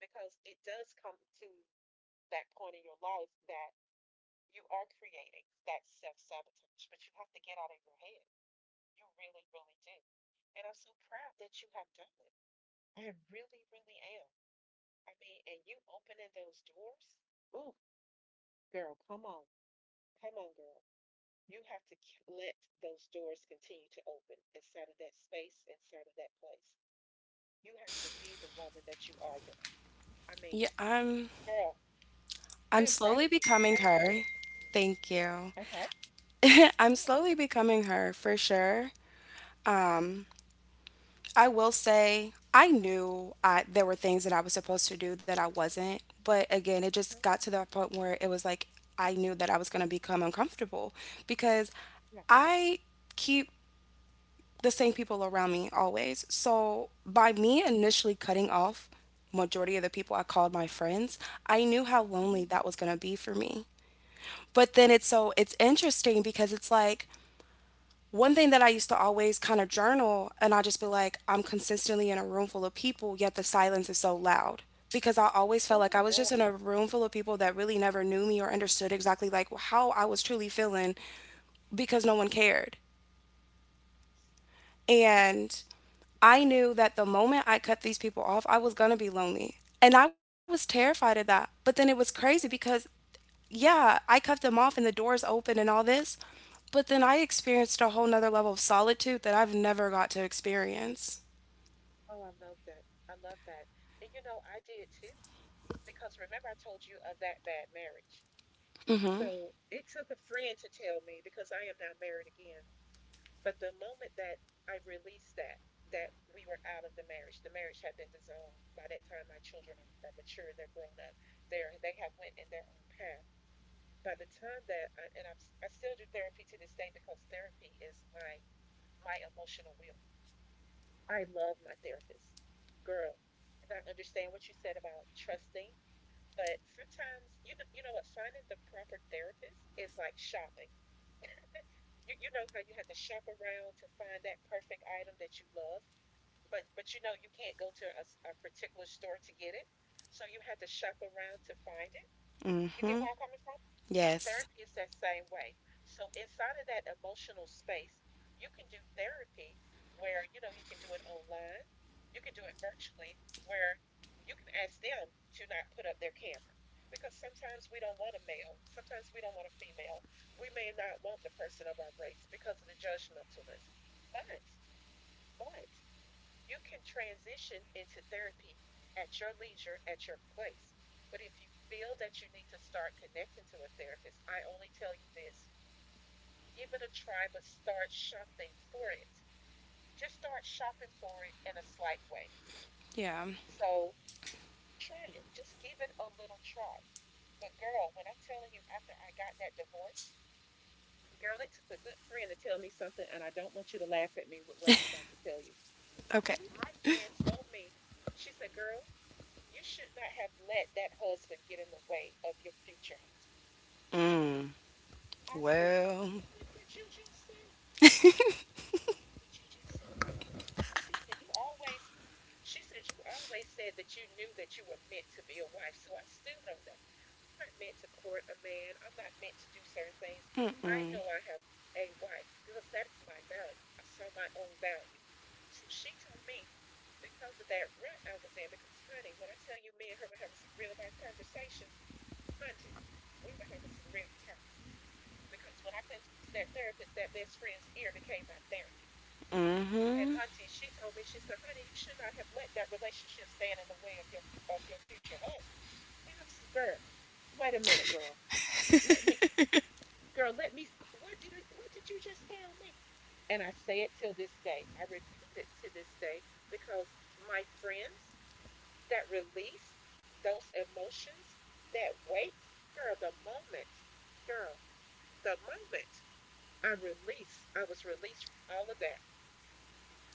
Because it does come to that point in your life that you are creating that self sabotage, but you have to get out of your head. You really, really do. And I'm so proud that you have done it. I really, really am. I mean, and you opening those doors. Ooh, girl, come on. Come on, girl. You have to let those doors continue to open inside of that space, inside of that place. You have to be the woman that you are, girl. I mean,
Yeah,
girl,
I'm
I am
slowly
proud of you.
becoming
I am proud
her.
of you.
Thank you.
Okay.
I'm
Yeah.
slowly becoming her for sure. Um I will say I knew I there were things that I was supposed to do that I wasn't, but again, it just
Uh-huh.
got to the point where it was like I knew that I was going to become uncomfortable because
Yeah.
I keep the same people around me always. So by me
Okay.
initially cutting off majority of the people I called my friends, I knew how lonely
Mm-hmm.
that was going to be for me. But then it's so it's interesting because it's like one thing that I used to always kind of journal, and I'll just be like, I'm consistently in a room full of people, yet the silence is so loud. Because I always felt like I
Oh,
was just
girl.
in a room full of people that really never knew me or understood exactly like how I was truly feeling because no one cared.
Yes, yes,
And I
yes.
knew that the moment I cut these people off, I was going to be lonely. And I was terrified of that. But then it was crazy because yeah, I cut them off and the doors open and all this, but then I experienced a whole nother level of solitude that I've never got to experience.
Oh, I love that. I love that. And you know, I did too, because remember I told you of that bad marriage. So it took a friend to tell me because I am now married again. But the moment that I released that, that we were out of the marriage had been dissolved. By that time, my children are mature, they're grown up, they have went in their own path. By the time that I, and I still do therapy to this day because therapy is my my emotional will. I love my therapist. Girl, and I understand what you said about trusting, but sometimes you know what, finding the proper therapist is like shopping. You know how you have to shop around to find that perfect item that you love, but you know you can't go to a particular store to get it, so you had to shop around to find it. You get where I'm coming from?
Yes.
Therapy is that same way. So inside of that emotional space, you can do therapy where, you know, you can do it online, you can do it virtually, where you can ask them to not put up their camera. Because sometimes we don't want a male, sometimes we don't want a female. We may not want the person of our race because of the judgmentalness. But, but you can transition into therapy at your leisure, at your place. But if you feel that you need to start connecting to a therapist, I only tell you this, give it a try, but start shopping for it. Just start shopping for it in a slight way.
Yeah.
So try it. Just give it a little try. But girl, when I'm telling you, after I got that divorce, girl, it took a good friend to tell me something, and I don't want you to laugh at me with what I'm about to tell you.
Okay.
My friend told me, she said, girl, you should not have let that husband get in the way of your future husband. I said, What
Well,
what did you just say? I said, what did you just say? She said, You always she said you always said that you knew that you were meant to be a wife. So I stood on that. I'm not meant to court a man. I'm not meant to do certain things. I know I have a wife because that is my value. I saw my own value. So she told me because of that rut I was in, because honey, when I tell you, me and her were having some real life conversations, Auntie, we were having some real talks because when I couldn't talk to that therapist, that best friend's ear became my therapy. And
mm-hmm.
Auntie, she told me, she said, honey, you should not have let that relationship stand in the way of your future husband. And I said, girl, wait a minute, girl. Let me, girl, let me. What did you just tell me? And I say it till this day. I repeat it to this day because my friends, that release those emotions, that weight. Girl, the moment, girl, the moment I released, I was released from all of that.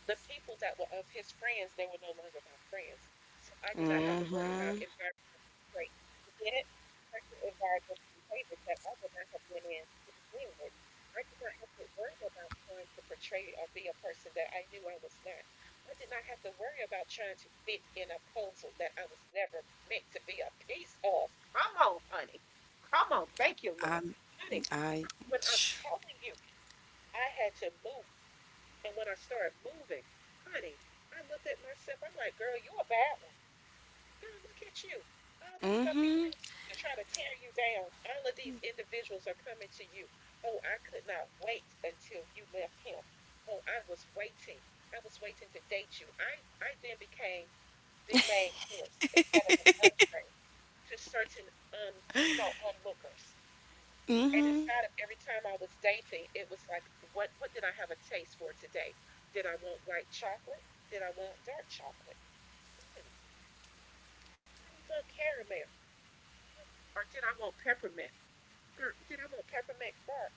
The people that were of his friends, they were no longer my friends. So I did not have to worry about environmental traits. You get it? Certain environmental behaviors that I would not have been in to begin with. I did not have to worry about trying to portray or be a person that I knew I was not. I did not have to worry about trying to fit in a puzzle that I was never meant to be a piece of. Come on, honey. Come on. Thank you, Lord. Honey,
I
when I'm telling you, I had to move, and when I started moving, honey, I looked at myself. I'm like, girl, you a bad one. Girl, look at you. All that stuff
mm-hmm.
he said to you to try to tear you down. All of these individuals are coming to you. Oh, I could not wait until you left him. Oh, I was waiting. I was waiting to date you. I then became the main course instead of an entree to certain un, you know, onlookers.
Mm-hmm.
And inside of every time I was dating, it was like, what did I have a taste for today? Did I want white chocolate? Did I want dark chocolate? Hmm. Did I want caramel? Hmm. Or did I want peppermint? Did I want peppermint bark?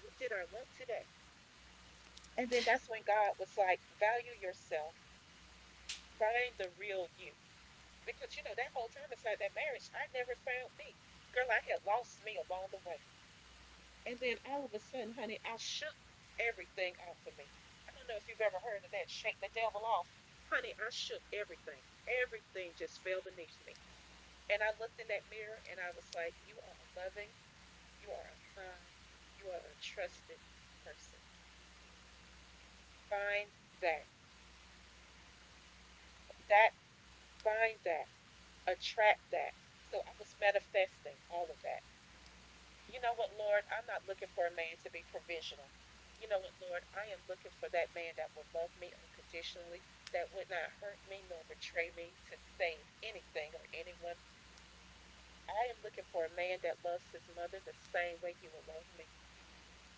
What did I want today? And then that's when God was like, value yourself, find the real you. Because you know, that whole time inside that marriage, I never found me. Girl, I had lost me along the way. And then all of a sudden, honey, I shook everything off of me. I don't know if you've ever heard of that, shake the devil off. Honey, I shook everything. Everything just fell beneath me. And I looked in that mirror and I was like, you are a loving, you are a kind, you are a trusted person. Find that. That, find that. Attract that. So I was manifesting all of that. You know what, Lord? I'm not looking for a man to be provisional. You know what, Lord? I am looking for that man that will love me unconditionally, that would not hurt me nor betray me to save anything or anyone. I am looking for a man that loves his mother the same way he will love me.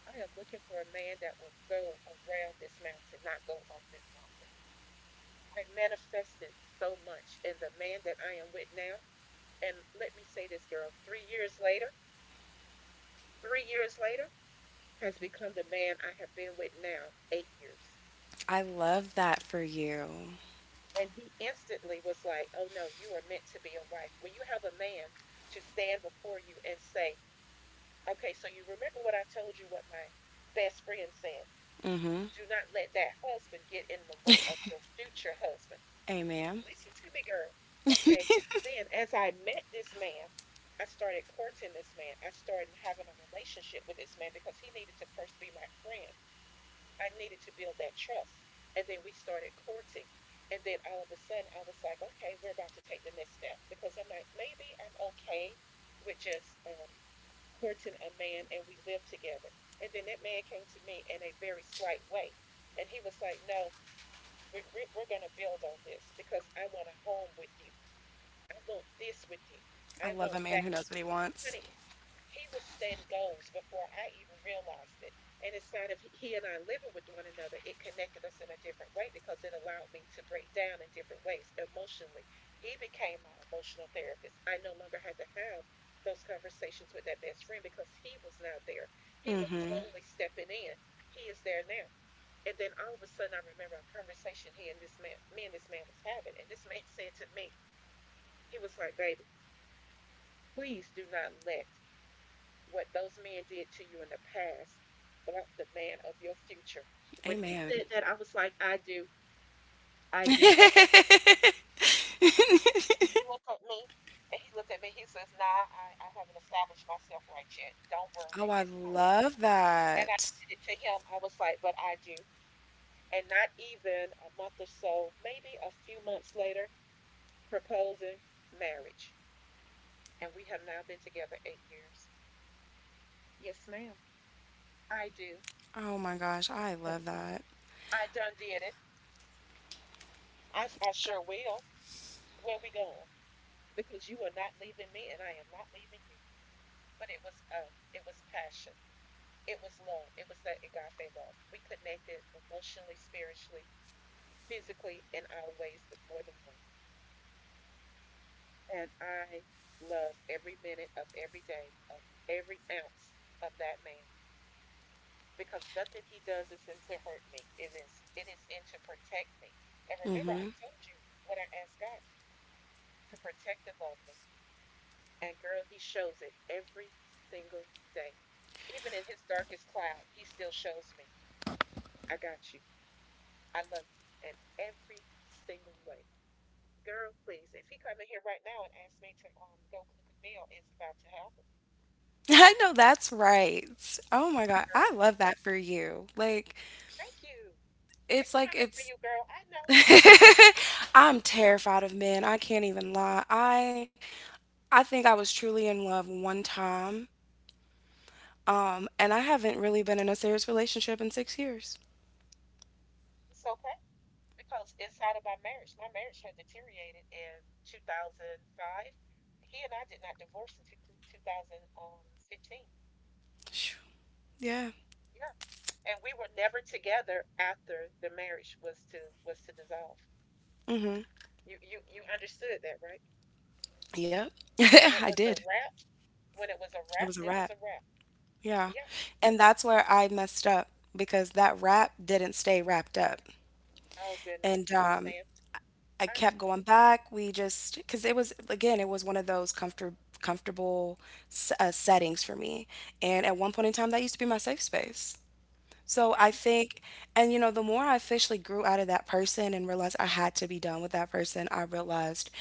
I am looking for a man that will go around this mountain, not go up this mountain. I manifested so much in the man that I am with now. And let me say this, girl, 3 years later, 3 years later, has become the man I have been with now 8 years.
I love that for you.
And he instantly was like, oh no, you are meant to be a wife. When you have a man to stand before you and say, okay, so you remember what I told you, what my best friend said.
Mm-hmm.
Do not let that husband get in the way of your future husband.
Amen.
Listen to me, girl. Okay, then as I met this man, I started courting this man. I started having a relationship with this man because he needed to first be my friend, I needed to build that trust. And then we started courting. And then all of a sudden, I was like, okay, we're about to take the next step because I'm like, maybe I'm okay with just courting a man and we live together. And then that man came to me in a very slight way. And he was like, no, we're, we're going to build on this because I want a home with you. I want this with you.
I
I
love a
want
man
that.
who knows what he wants.
Honey, he was setting goals before I even realized it. And inside of he and I living with one another, it connected us in a different way because it allowed me to break down in different ways emotionally. He became my emotional therapist. I no longer had to have those conversations with that best friend because he was now there. He was
Mm-hmm.
slowly stepping in. He is there now. And then all of a sudden, I remember a conversation he and this man, me and this man was having. And this man said to me, he was like, baby, please do not let what those men did to you in the past block the man of your future. When he
Amen.
said that, I was like, I do. And he looked at me. He says, nah, I haven't established myself right yet. Don't
Oh,
worry,
I
it's coming.
love
And I
that.
said it to him. I was like, but I do. And not even a month or so, maybe a few months later, proposing marriage. And we have now been together 8 years. Yes, ma'am. I do.
Oh my gosh, I love that.
I done did it. I sure will. Where we going? Because you are not leaving me and I am not leaving you. But it was passion. It was love. It was that agape love. We connected emotionally, spiritually, physically, in our ways that more than one. And I love every minute of every day, of every ounce of that man. Because nothing he does is in to hurt me. It is in to protect me. And remember I
Mm-hmm.
told you what I asked God for, to protect and love me. And girl, he shows it every single day. Even in his darkest cloud, he still shows me, I got you. I love you. And every single way. Girl, please, if he come in here right now and ask me to go cook a meal, it's about to happen.
I know that's right. Oh my god, I
Girl,
love that for you. Like
thank you. It's coming for
it's
you, girl. I know it.
I'm terrified of men. I can't even lie. I think I was truly in love one time. And I haven't really been in a serious relationship in 6 years.
It's okay. Because inside of my marriage had deteriorated in 2005. He and I did not divorce until 2015.
Phew. Yeah.
Yeah. And we were never together after the marriage was to dissolve. You understood that, right?
Yep.
When
I
it was a
did.
wrap, when it was a
It was
wrap,
a
it
wrap.
was a wrap.
Yeah.
Yeah,
And that's where I messed up because that wrap didn't stay wrapped up.
yeah. Oh
And
goodness,
I
I
kept going
understand.
back. Because it was, again, it was one of those comfortable settings for me. And at one point in time, that used to be my safe space. So I think, and you know, the more I officially grew out of that person and realized I had to be done with that person, I realized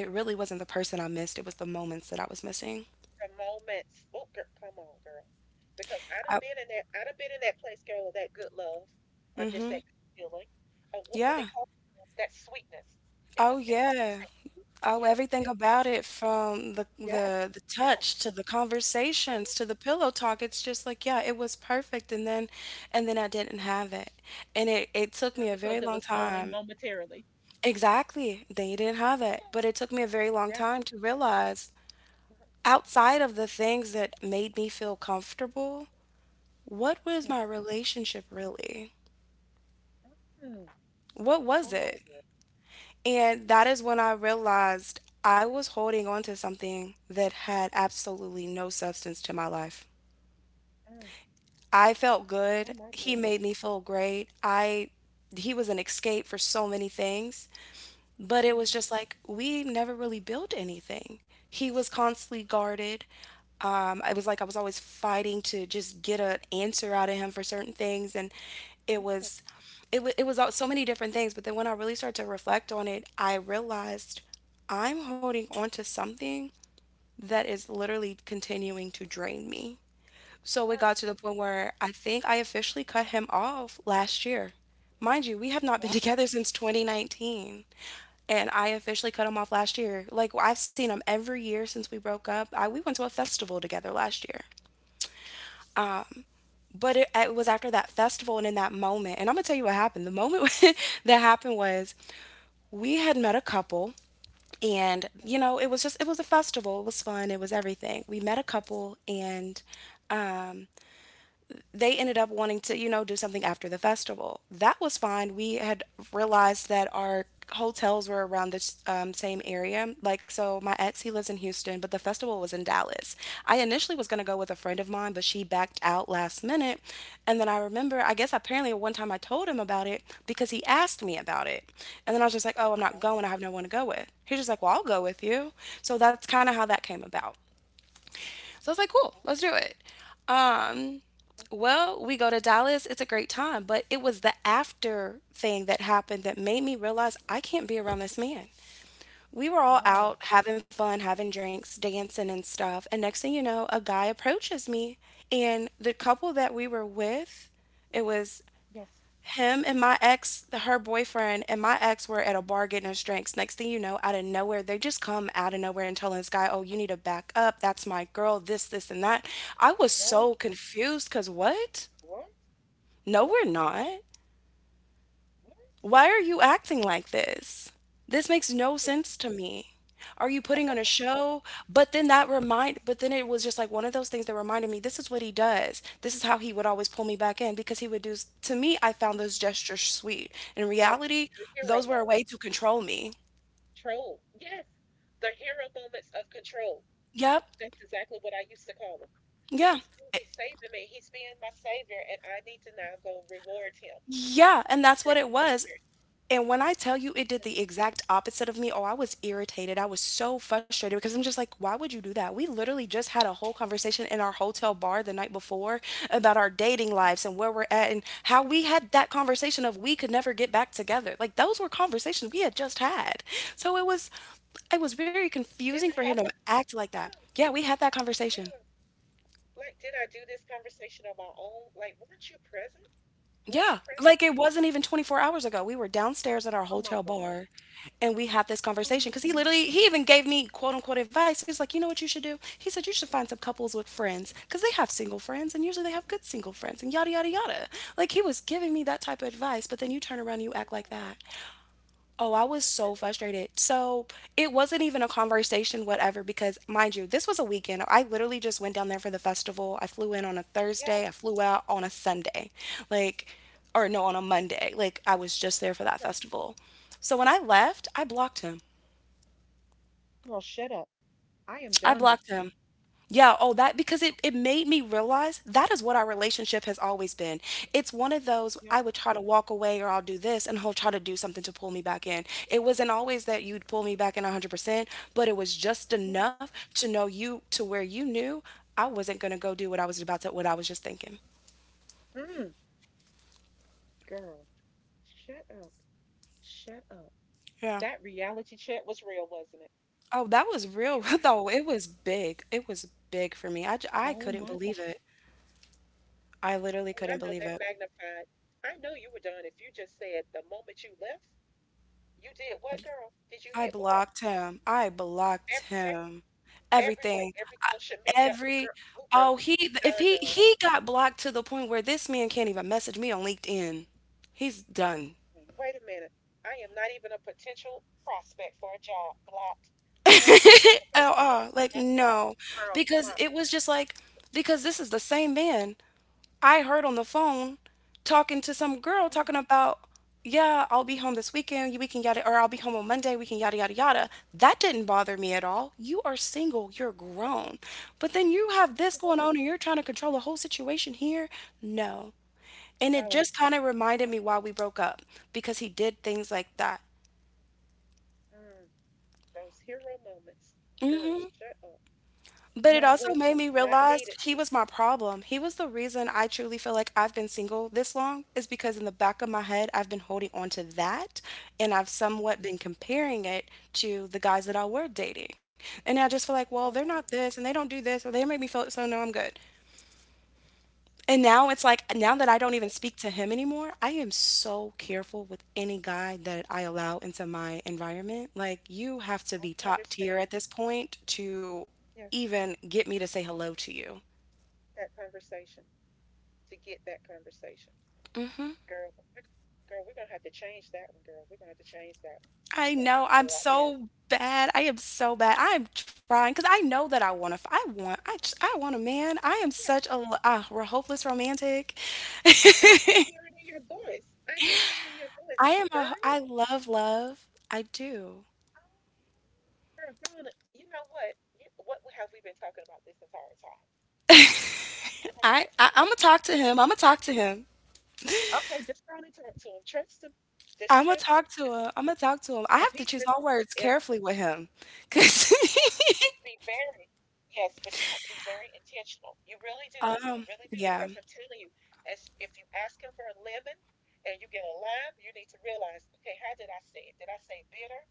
it really wasn't the person I missed. It was the moments that I was missing.
The moments. Oh, girl, come on, girl. Because
I,
I'd have been in that place, girl, of that good love, or just that good feeling, or what they
yeah.
call it, that sweetness.
Oh,
It was a
yeah.
taste.
Oh,
Yes,
everything
yes, girl.
about it from the
Yes,
touch
yes,
to the conversations
yes.
to the pillow talk. It's just like, yeah, it was perfect and then I didn't have it. And it took
Yeah,
me a
because
very
it was
long
only
time.
momentarily.
Exactly. They didn't have it,
Yes.
but it took me a very long
Yes.
time to realize
Uh-huh,
outside of the things that made me feel comfortable, what was
yes.
my relationship really?
Mm,
What
come
was
on,
it?
girl.
And that is when I realized I was holding on to something that had absolutely no substance to my life.
Mm,
I felt
oh
good.
my
He
goodness.
made me feel great. I he was an escape for so many things. But it
Mm,
was just like we never really built anything. He was constantly guarded. It was like I was always fighting to just get an answer out of him for certain things, and it
yes.
was, so many different things. But then when I really started to reflect on it, I realized I'm holding on to something that is literally continuing to drain me.
Mm,
So it
girl.
got to the point where I think I officially cut him off last year. Mind you, we have
Oh,
not
wow.
been together since 2019, and I officially cut him off last year. Like I've seen him every year since we broke up. We went to a festival together last year. But it was after that festival and in that moment, and I'm gonna tell you what happened. The moment that happened was we had met a couple, and
Okay.
you know, it was just it was a festival. It was fun. It was
Yeah,
everything. We met a couple, and um, they ended up wanting to, you know, do something after the festival. That was fine. We had realized that our hotels were around the same area. Like, so my ex, he lives in Houston, but the festival was in Dallas. I initially was going to go with a friend of mine, but she backed out last minute. And then I remember, I guess apparently one time I told him about it because he asked me about it. And then I was just like, oh, I'm
okay.
not going. I have no one to go with. He's just like, well, I'll go with you. So that's kind of how
Yeah,
that came about. So I was like, cool,
okay.
let's do it. Um,
Okay.
well, we go to Dallas. It's a great time. But it was the after thing that happened that made me realize I can't be around this man. We were all
No.
out having fun, having drinks, dancing and stuff. And next thing you know, a guy approaches me. And the couple that we were with, it was
Yes.
him and my ex, her boyfriend and my ex were at a bar getting us drinks. Next thing you know, out of nowhere, they just come out of nowhere and telling this guy, "Oh, you need to back up. That's my girl. This, and that." I was so
What?
confused because what?
What? What?
No,
What?
we're not.
What?
Why are you acting like this? This makes no
Yeah.
sense to me. Are you putting on a
What happened?
show? But
Yes.
then it was just like one of those things that reminded me this is what he does. This is how he would always pull me back in because he would to me I found those
Mm.
gestures sweet. In
Oh,
reality,
the hero
those were a
moments.
way to control me.
Control. Yes. The hero moments of control.
Yep.
That's exactly what I used to call him.
Yeah.
Because God,
It-
he's saving me. He's being my savior, and I need to now go reward him
yeah, and
for
that's what
certain
it was.
behaviors.
And when I tell you it did the exact opposite of me, oh, I was irritated. I was so frustrated because I'm just like, why would you do that? We literally just had a whole conversation in our hotel bar the night before about our dating lives and where we're at and how we had that conversation of we could never get back together. Like those were conversations we had just had. So it was it was very confusing for
Didn't
him to
have to.
act like
Yeah,
that. Yeah, we had that conversation.
yeah. Like, did I do this conversation on my own? Like,
Yeah,
weren't you
like
present?
it wasn't even 24 hours ago. We were downstairs at our
Oh my
hotel
God.
bar and we had this
Oh
conversation
my
because
goodness.
he even gave me quote unquote advice. He was like, you know what you should do? He said, you should find some couples with friends because they have single friends and usually they have good single friends and yada, yada, yada. Like he was giving me that type of
It's-
advice, but then you turn around, and you
I
act like
know,
that.
like,
Oh, I
oh
was
my
so
goodness.
frustrated. So it wasn't even a conversation, whatever, because mind you, this was a weekend. I literally just went down there for the festival. I flew in on a
Yes.
Thursday, I flew out on a Sunday, like, or no, on a Monday. Like, I was just there for that
Okay.
festival. So when I left, I blocked him.
Girl, shut up. I am
I
done with
blocked
you.
him. Yeah, oh, that because it made me realize that is what our relationship has always been. It's one of those
Yeah.
I would try to walk away or I'll do this and he'll try to do something to pull me back in. It wasn't always that you'd pull me back in 100%, but it was just
Yes.
enough to know you to where you knew I wasn't going to go do what I was about to, what I was just thinking.
Mm, girl, shut up. Shut up.
Yeah.
That reality check was real, wasn't it?
Oh, that was real
You, ha-
though. It was big. It was big for me. I
oh
couldn't
my God.
believe it. I literally
Oh,
couldn't
I know
believe
that
it.
magnified. I know you were done if you just said the moment you left, you did what, girl? Did you
I
hit block
blocked him. I blocked
every way,
him.
every way,
Everything.
every social media?
Every oh he if
Done,
he
done.
he got blocked to the point where this man can't even message me on LinkedIn. He's done.
Mm, wait a minute. I am not even a potential prospect for a job. Blocked. All your information. Block,
All. Like,
block, block.
no.
Girl,
Because
block.
it was just like, because this is the same man I heard on the phone talking to some girl
Mm,
talking about, yeah, I'll be home this weekend, you- we can yada, or I'll be home on Monday, we can yada, yada, yada. That didn't bother me at all. You are single, you're
yes,
grown. But then you have this going
absolutely.
on and you're trying to control the whole situation here. No. And it
No,
just kind of
no.
reminded me why we broke up because he did things like that.
Mm, those hero moments. Girl, shut up.
But it
Not
also made
welcome.
me
Not
realize
needed.
he was my problem. He was the reason I truly feel like I've been single this long is because in the back of my head, I've been holding on to that and I've somewhat been comparing it to the guys that I were dating. And I just feel like, well,
Oh
they're
wow.
not this and they don't do this or they make me feel so no, I'm good. And now it's
I can,
like
under-
now that I don't even speak to him anymore, I am so careful with any guy that I allow into my environment. Like you have
I
to
can
be top
understand.
tier at this point to
Yes,
even get me to say hello to you.
that conversation to get that conversation, girl. we- Girl, we're gonna have to change that one, girl. We're gonna have to change that one. You're
I
gonna have to
know
go out
I'm
there. And,
so bad. I am so bad. I am trying because I know that I want to. I want. I want a man. I am
yes,
such a l- We're hopeless romantic.
I can hear it in your voice,
I am a.
girl.
I love love. I do.
Oh, girl, you know what? What have we been talking about this entire time? Have you been talking?
I'm gonna talk to him. I'm gonna talk to him.
Okay, just go on and talk to him. Trust him. Just
I'm gonna
trust him.
talk to
Just
him. I'm gonna talk to him. I
if
have to
he
choose
says,
my words
if
carefully with him, cause
yes, you have to be very, yes, but you have to be very intentional. You really do.
yeah.
Because I'm telling you, as if you ask him for a lemon and you get a lime, you need to realize, okay, how did I say it? Did I say bitter?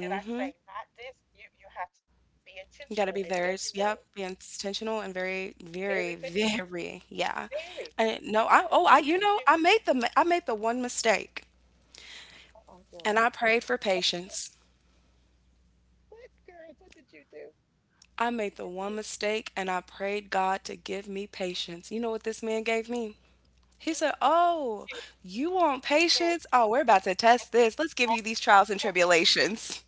Did I say not this? You have to be
You gotta be
intentional in every
yep,
word.
be intentional and very, very,
Very, very,
very, yeah.
very.
And no,
Because he
you
hears
know,
you.
I made I made the one mistake
Uh-oh,
and
girl.
I prayed for
What,
patience.
what, girl?
I
What
made
did
the
you
one
do?
mistake and I prayed God to give me patience. You know what this man gave me? He said,
Mhm.
oh,
She,
you want
she shares.
patience? Oh, we're about to
I
test this. Let's give you these trials and
said,
tribulations.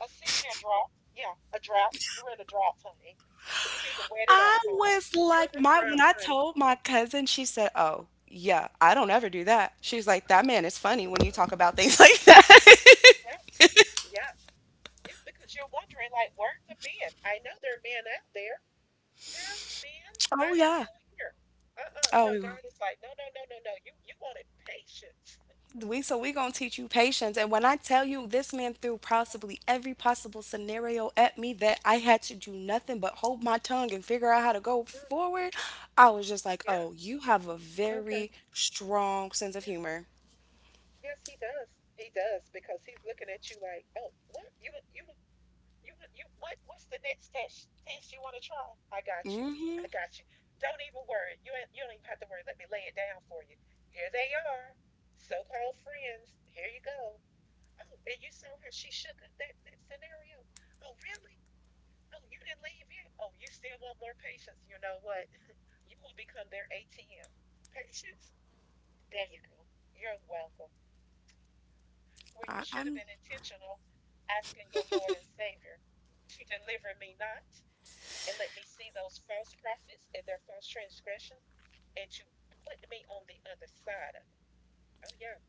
a 6 year drought. Yeah, a drought. You're in a drought, honey. You need to wet it up,
I
honey.
was
You're in
like
a
my when
drought,
I
honey.
told my cousin, she said, "Oh, yeah, I don't ever do
Yeah,
that."
yeah,
She's like, "That man is funny when you talk about things like that."
yeah, yeah, yeah. Because you're wondering, like, where are the men? I know there are men out there. How many men?
Oh
I'm
yeah.
still here. Uh-uh. No,
Oh,
God is like, no, no, no, no, no. You wanted patience.
we so we gonna
You,
teach you patience. And when I tell you this man threw possibly every possible scenario at me that I had to do nothing but hold my tongue and figure out how to go
mm,
forward, I was just like,
yeah.
oh, you have a
Okay.
very strong sense of
Yeah.
humor.
Yes, he does. He does because he's looking at you like, oh, what? You you what what's the next test test you want to try? I
Mm-hmm.
got you. Don't even worry. You don't even have to worry. Let me lay it down for you. Here they are. So-called friends. Here you go. Oh, and you saw her. She shook it. That scenario. Oh, really? Oh, you didn't leave yet? Oh, you still want more patience? You know what? You will become their ATM. Patience? There you go. You're welcome. Where you
I,
should have been
I'm
intentional asking your Lord and Savior to deliver me not and let me see those false prophets and their false transgressions and to put me on the other side of it. Oh, yeah.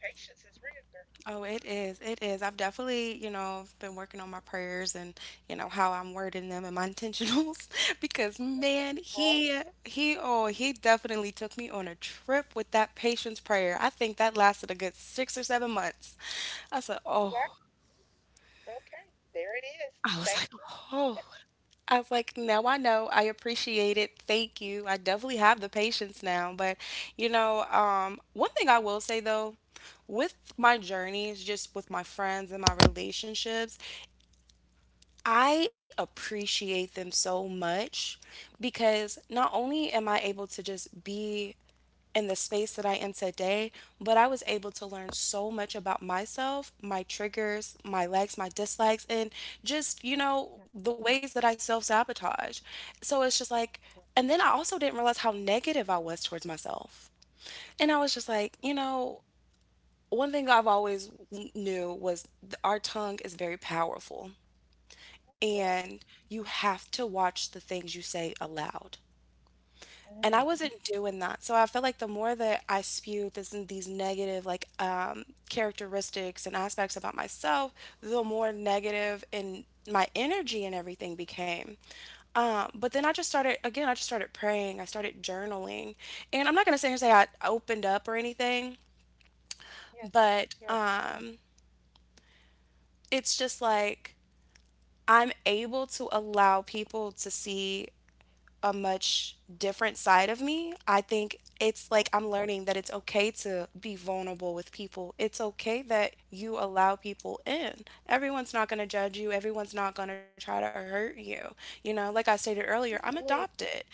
Patience is real, girl.
Oh, it is. It is. I've definitely, you know, been working on my prayers and, you know, how I'm wording them and my intentionals because man,
Uh,
he oh, he definitely took me on a trip with that patience prayer. I think that lasted a good 6 or 7 months. I said,
Wow.
"Oh."
Okay. There it is.
I
Thank
was
you.
like, "Oh." I was like, now I know. I appreciate it. Thank you. I definitely have the patience now. But, you know, one thing I will say though, with my journeys, just with my friends and my relationships, I appreciate them so much because not only am I able to just be in the space that I am today, but I was able to learn so much about myself, my triggers, my likes, my dislikes, and just, you
Yeah,
know, the ways that I self sabotage. So it's just like,
yeah,
and then I also didn't realize how negative I was towards myself. And I was just like, you
yeah,
know, one thing I've always knew was our tongue is very powerful, and you have to watch the things you say aloud. And I
mm.
wasn't doing that. So I felt like the more that I spewed this, these negative like characteristics and aspects about myself, the more negative in my energy and everything became. But then I
Yes,
just started again. I just started praying. I started journaling, and I'm not gonna sit here and say I opened up or anything,
yes,
but
yes.
it's
Oh my
just like
goodness.
I'm able to allow people to see a much different side of me. I think it's like
Mhm.
I'm learning that it's okay to be vulnerable with people. It's okay that you allow people in. Everyone's not going to judge you, everyone's not going to try to hurt you. You know, like I stated earlier, I'm
Absolutely.
adopted.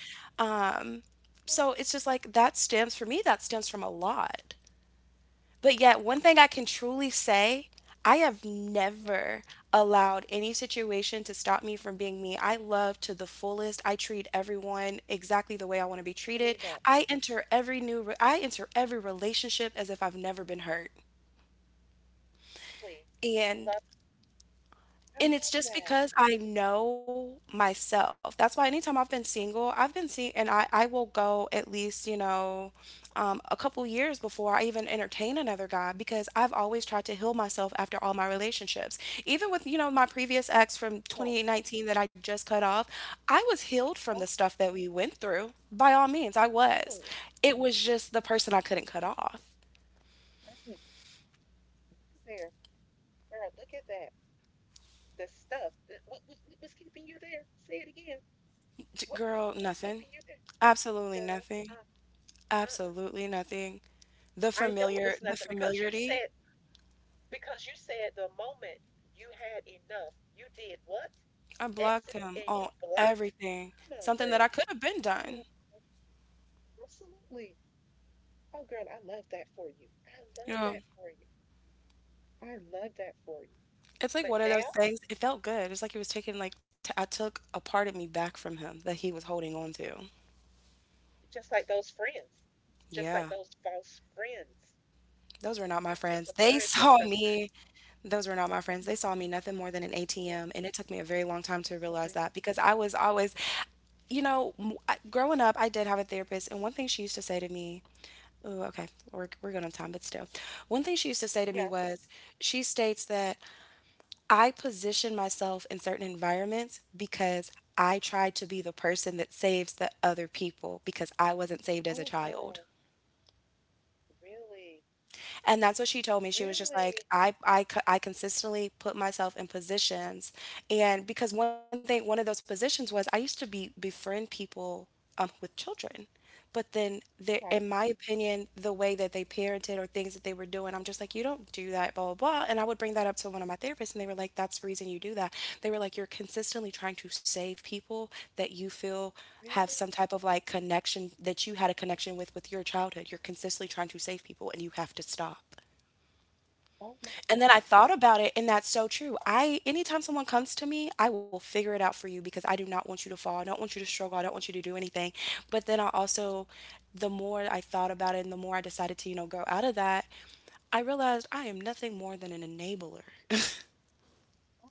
Um, so
Mm,
it's just like that stems from a lot. But yet, one thing I can truly say, I have
yeah,
never allowed any situation to stop me from being me. I love to the fullest. I treat everyone exactly the way I want to be
I can
treated.
believe that.
I enter every relationship as if I've never been hurt.
Please. I
And
love I
And it's
love
just
that.
because I know myself. That's why anytime I've been single, I've been seeing, and I will go at least, you know, a couple years before I even entertain another guy because I've always tried to heal myself after all my relationships. Even with, you know, my previous ex from
Oh,
2019 that I just cut off, I was healed from the
well,
stuff that we went through. By all means, I was.
really.
It was just the person I couldn't cut off.
Mm, look at there. Girl, look at that. The stuff that what, what was keeping you there? Say it again.
Girl,
What was
nothing.
keeping you there,
Absolutely
girl?
nothing.
Uh, uh-uh.
Absolutely nothing.
I know it was
The
nothing because you
familiarity,
said because you said the moment you had enough, you did what? You
I blocked
exited
him
and you
on
blocked.
everything,
Come on,
something that
girl.
I could have been
Come on.
done,
Absolutely. Oh, girl, I love that for you.
you know?
I love that for you.
It's
But
like one of those
now,
things, it felt good, it's like he was taking, like, t I took a part of me back from him that he was holding on to.
just like those friends, just
Yeah,
like those false friends,
those were not my
you took
friends.
a part
They
of
saw
yourself back.
me those were not my friends. They saw me nothing more than an
Yeah,
ATM, and it took me a very long time to realize
absolutely.
that because I was always you know, growing up, I did have a therapist, and one thing she used to say to me, oh, okay, we're good on time, but still, one thing she used to say to
Yeah.
me was, she states that I position myself in certain environments because I
Okay.
try to be the person that saves the other people because I wasn't saved as
Oh,
a
girl.
child.
Really?
And that's what she told me. She was just
Really?
like, I consistently put myself in positions. And because one thing, one of those positions was I used to be befriend people with children. But then, there,
Okay.
in my opinion, the way that they parented or things that they were doing. I'm just like, you don't do that, blah, blah, blah. And I would bring that up to one of my therapists, and they were like, that's the reason you do that. They were like, you're consistently trying to save people that you feel
Really?
have some type of like connection that you had a connection with your childhood. You're consistently trying to save people, and you have to stop.
Oh, my
And then
God.
I thought about it, and that's so true. I, anytime someone comes to me, I will figure it out for you because I do not want you to fall. I don't want you to struggle. I don't want you to do anything. But then I also, the more I thought about it and the more I decided to, you know, grow out of that, I realized I am nothing more than an enabler.
Oh.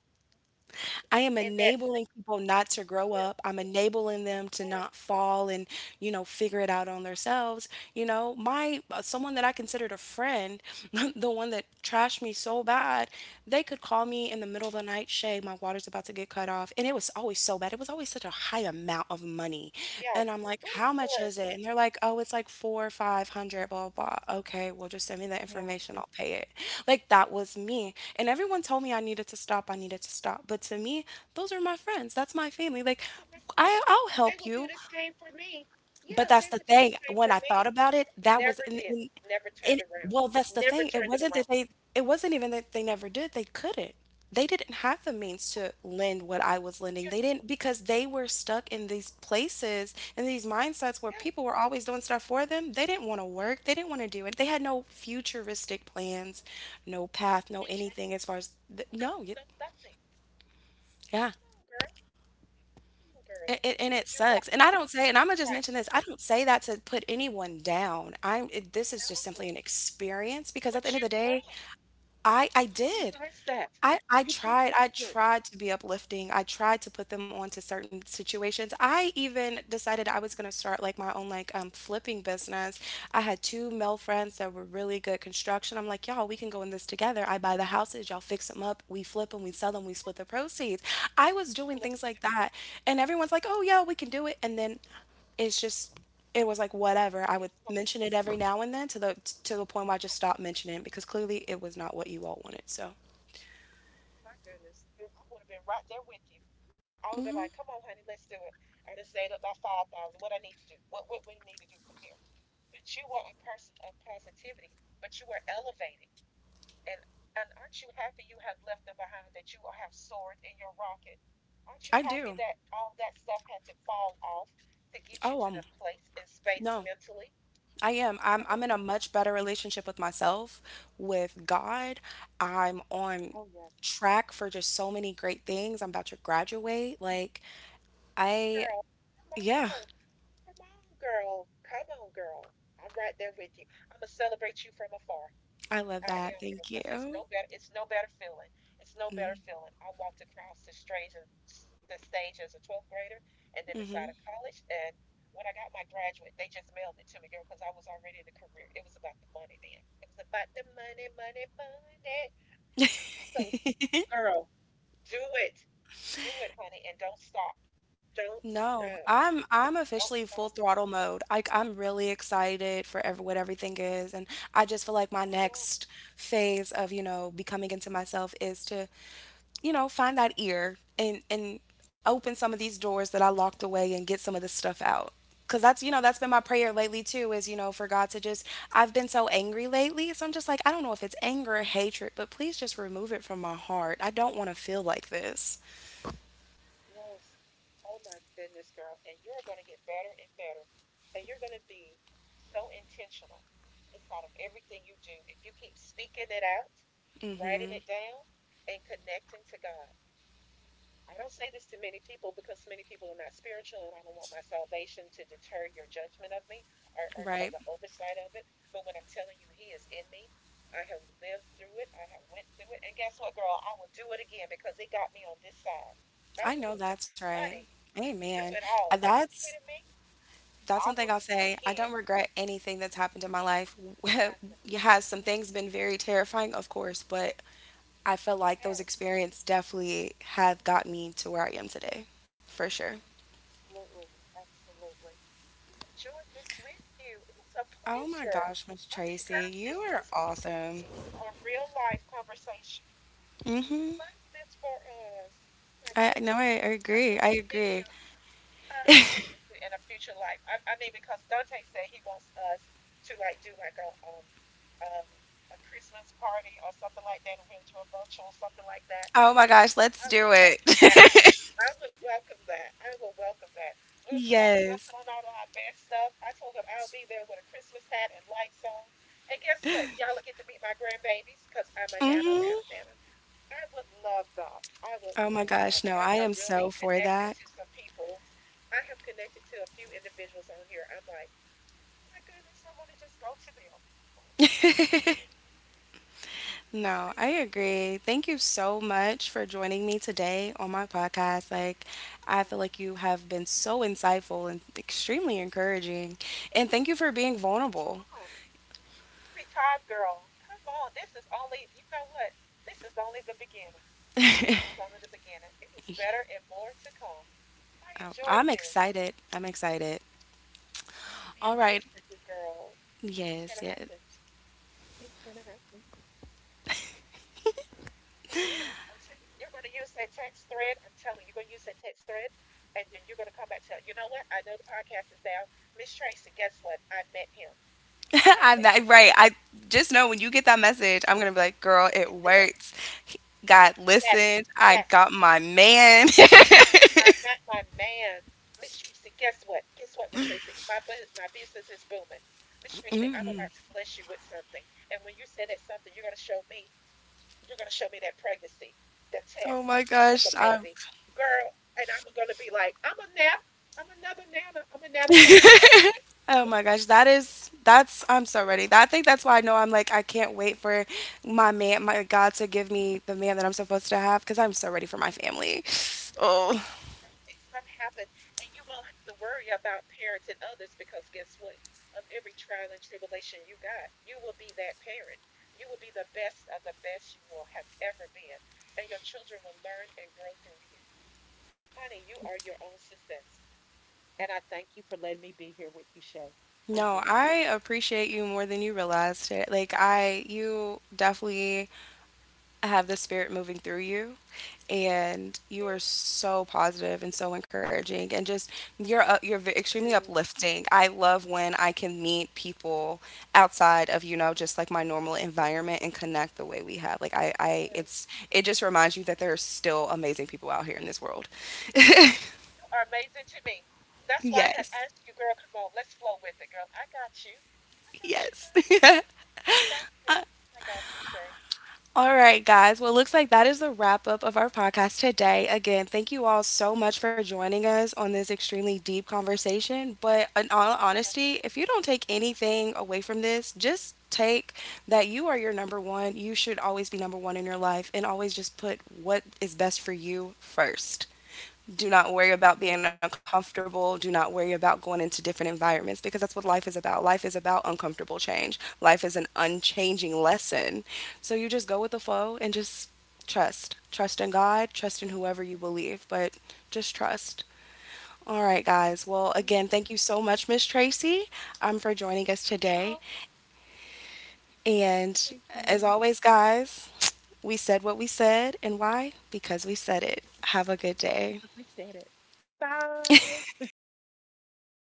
I am
And that six
enabling people not to grow
years.
up. I'm enabling them to
Yes.
not fall and, figure it out on themselves. My someone that I considered a friend, the one that trashed me so bad, they could call me
Yeah.
in the middle of the night, Shay, my water's about to get cut off. And it was always so bad. It was always such a high amount of money.
Oh, yeah.
And I'm like,
But of
how much is
course,
it? And they're like, oh, it's like four 500, blah, blah, blah. Okay, well, just send me the
yeah.
information. I'll pay it. Like that was me. And everyone told me I needed to stop. I needed to stop. But to me, those are my friends. That's my family. Like,
So my
I,
friends,
I'll
they
help
would do
you.
the same for me.
But
Yeah,
that's
they
the
would do the
thing,
same
when
for
I thought
me.
about it, that was
Never
and
did.
and
Never turned
and
around.
well, that's the
Never
thing,
turned it around.
it wasn't even that they never did, they couldn't. They didn't have the means to lend what I was
You,
lending. They didn't because they were stuck in these places and these mindsets
yeah,
where people were always doing stuff for them. They didn't want to work. They didn't want to do it. They had no futuristic plans, no path,
no
no
chance.
anything as far as th
No,
no, y
No, nothing.
yeah.
Come on, girl. Come on,
A-
girl.
a- and it
And you
sucks.
were
And I don't say and Imma just mention this,
right.
I don't say that to put anyone down. I'm it this is just simply
No,
an experience because at the end
but
of
you
the day
grew.
I
You grew
did.
past that. You grew
I
past it.
tried to be uplifting. I tried to put them onto certain situations. I even decided I was gonna start like my own like flipping business. I had two male friends that were really good construction. I'm like, y'all, we can go in this together. I buy the houses, y'all fix them up, we flip them, we sell them, we split the proceeds. I was doing things
Let's
like
do
that,
it
and everyone's like, oh yeah, we can do it, and then it's just it was like whatever. I would
yourself.
mention it every now and then
You,
to the point where I
yeah,
just stopped mentioning it because clearly it was not what you all wanted. So
oh my goodness, girl, I would have been right there with you. I would have been like, "Come on, honey, let's do it." I just saved up about 5,000. What I need to do? What we need to do from here? But you were a person of positivity. But you were elevating, and and aren't you happy you have left them behind? That you have soared in your rocket. Aren't you
I
happy
do.
that all that stuff had to fall off to get you
Oh,
to the place and space
no,
mentally?
I am.
Come
I'm
on.
I'm in a much better relationship with myself, with God. I'm on
Oh yes.
track for just so many great things. I'm about to graduate. Like
Girl.
I,
Come
yeah,
on. Come on, girl. I'm right there with you. I'm gonna celebrate you from afar.
I
I
love
am,
that.
girl,
Thank
because it's no
you.
better. It's no better feeling. I walked across the stage as a 12th grader, and then inside of college. And when I got my graduate, they just mailed it to me, girl, because I was already in the career. It was about the money then. It was about the money, money, money. So, girl, do it, do it, honey, and don't stop. Don't
No,
stop.
I'm officially
Don't
full
stop.
throttle mode. Like I'm really excited for everything is, and I just feel like my
Oh yeah.
next phase of, you know, becoming into myself is to, you know, find that ear and open some of these doors that I locked away and get some of this stuff out. Cause that's, you know, that's been my
Yes.
prayer lately too, is, you know, for God to just, I've
Mm,
been so angry lately. So I'm just like, I don't know if it's anger or hatred, but please just remove it from my heart. I don't want to feel like this.
yes. Oh my goodness, girl. And you're going to get better and better. And you're going to be so intentional inside of everything you do. If you keep speaking it out, writing it down, and connecting to God. I don't say this to many people because many people are not spiritual, and I don't want my salvation to deter your judgment of me or
Right.
the oversight of it. But when I'm telling you, He is in me. I have lived through it. I have went through it, and guess what, girl? I will do it again because it got me on this side.
I know
Hallelujah,
that's right.
honey. Do
Amen.
it
Uh,
all. Are you
That's
kidding me?
that's one
I
thing
will
I'll
do it
say. I don't
again.
regret anything that's happened in my life.
Nothing.
You have some things been very terrifying, of course, but I feel like those
Yes.
experiences definitely have got me to where I am today, for sure.
Absolutely. Absolutely. I've enjoyed this with you. It's a
Oh my
pleasure.
gosh, Miss
I mean,
Tracy,
girl,
you
this
are
this has
awesome.
been a real life conversation. I
Mm-hmm.
love this for us. My
I no,
goodness.
I
I
agree. I
hope to meet
agree.
you. I hope to meet you in a future life. I mean, because Dante said he wants us to like do like a, a Christmas party or something like that, and we'll do a virtual something like that.
Oh my
I
gosh,
was like,
let's
I
do
would
it.
welcome that. I would welcome that. I would welcome that. We'll put on we'll
Yes.
put on all of our best stuff. I told him I'll be there with a Christmas hat and lights on. And guess what? Y'all will get to meet my grandbabies because I'm a nana, nana,
Mm-hmm.
nana. I would love that. I would
Oh my
love
gosh,
that.
no,
I
I am
have
so
really
for
connected
that.
to some people. I have connected to a few individuals on here. I'm like, oh my goodness, I want to just go to them. Like, it's me, it's
No,
me.
I agree. Thank you so much for joining me today on my podcast. Like, I
Hmm.
feel like you have been so insightful and extremely encouraging. And thank you for being vulnerable.
Retired girl. Come on. This is only, you know what? This is only the beginning. This is only the beginning. It is
Yeah,
better and more to come. I
I-
enjoyed
I'm
this.
excited. I'm excited.
Man,
All
too
right.
for you, girl. It's gonna
Yes, yes.
happen. It's gonna happen. It is. I'm telling you, you're gonna use that text thread. I'm telling you, you're gonna use that text thread, and then you're gonna come back and tell, you know what? I know the podcast is down. Miss Tracy, guess what? I met him. I
I'm
met my
not, right.
husband.
I just know when you get that message, I'm going to be like, girl, it
Yes, yes,
works. God
yes,
listened. I
yes.
got my man.
I got my man, Miss Tracy. Guess what? Guess what, Miss Tracy? My business is booming. Miss Tracy, I'm
hmm
about to bless you with something. And when you say that something, you're gonna show me. You're gonna show me that pregnancy, the
Oh
test
my
of the
gosh. I
baby, girl. And I'm gonna be like, I'm a nana. I'm another nana. I'm a nana from a.
Oh my gosh, that's I'm so ready. I think that's why I know I'm like I can't wait for my man, my God, to give me the man that I'm supposed to have because I'm so ready for my family. Oh
It's going to happen, and you won't have to worry about parents and others because guess what? Of every trial and tribulation you got, you will be that parent. You will be the best of the best you will have ever been, and your children will learn and grow through you. Honey, you are your own success, and I thank you for letting me be here with you, Shay. I
no,
do.
I appreciate you more than you realized it. Like I, you definitely have the spirit moving through you, and you
Thank
are so positive and so encouraging and just you're extremely
you.
uplifting. I love when I can meet people outside of, you know,
Yes,
just like my
yes.
normal environment and connect the way we have. Like I it's it just reminds you that there are still amazing people out here in this world.
You are amazing to me. That's why I had
Yes.
asked you, girl. Come on, let's flow with it, girl. I got you. I got you,
Yes.
girl. I got you. I got you, Shay.
All right, guys. Well, it looks like that is the wrap up of our podcast today. Again, thank you all so much for joining us on this extremely deep conversation. But in all
Yes,
honesty, if you don't take anything away from this, just take that you are your number one. You should always be number one in your life and always just put what is best for you first. Do not worry about being
absolutely.
uncomfortable. Do not worry about going into different environments because that's what life is about. Life is about uncomfortable change. Life is an
It is.
unchanging lesson. So you just go with the flow and just trust. Trust in God, trust in whoever you believe, but just trust. All right, guys. Well,
Oh my
again, thank you so much, Miss Tracy, for joining us today.
God.
And
Thank
as
you
always, guys, we said what we said, and why? Because we said it. Have a good day.
because we said it. Bye.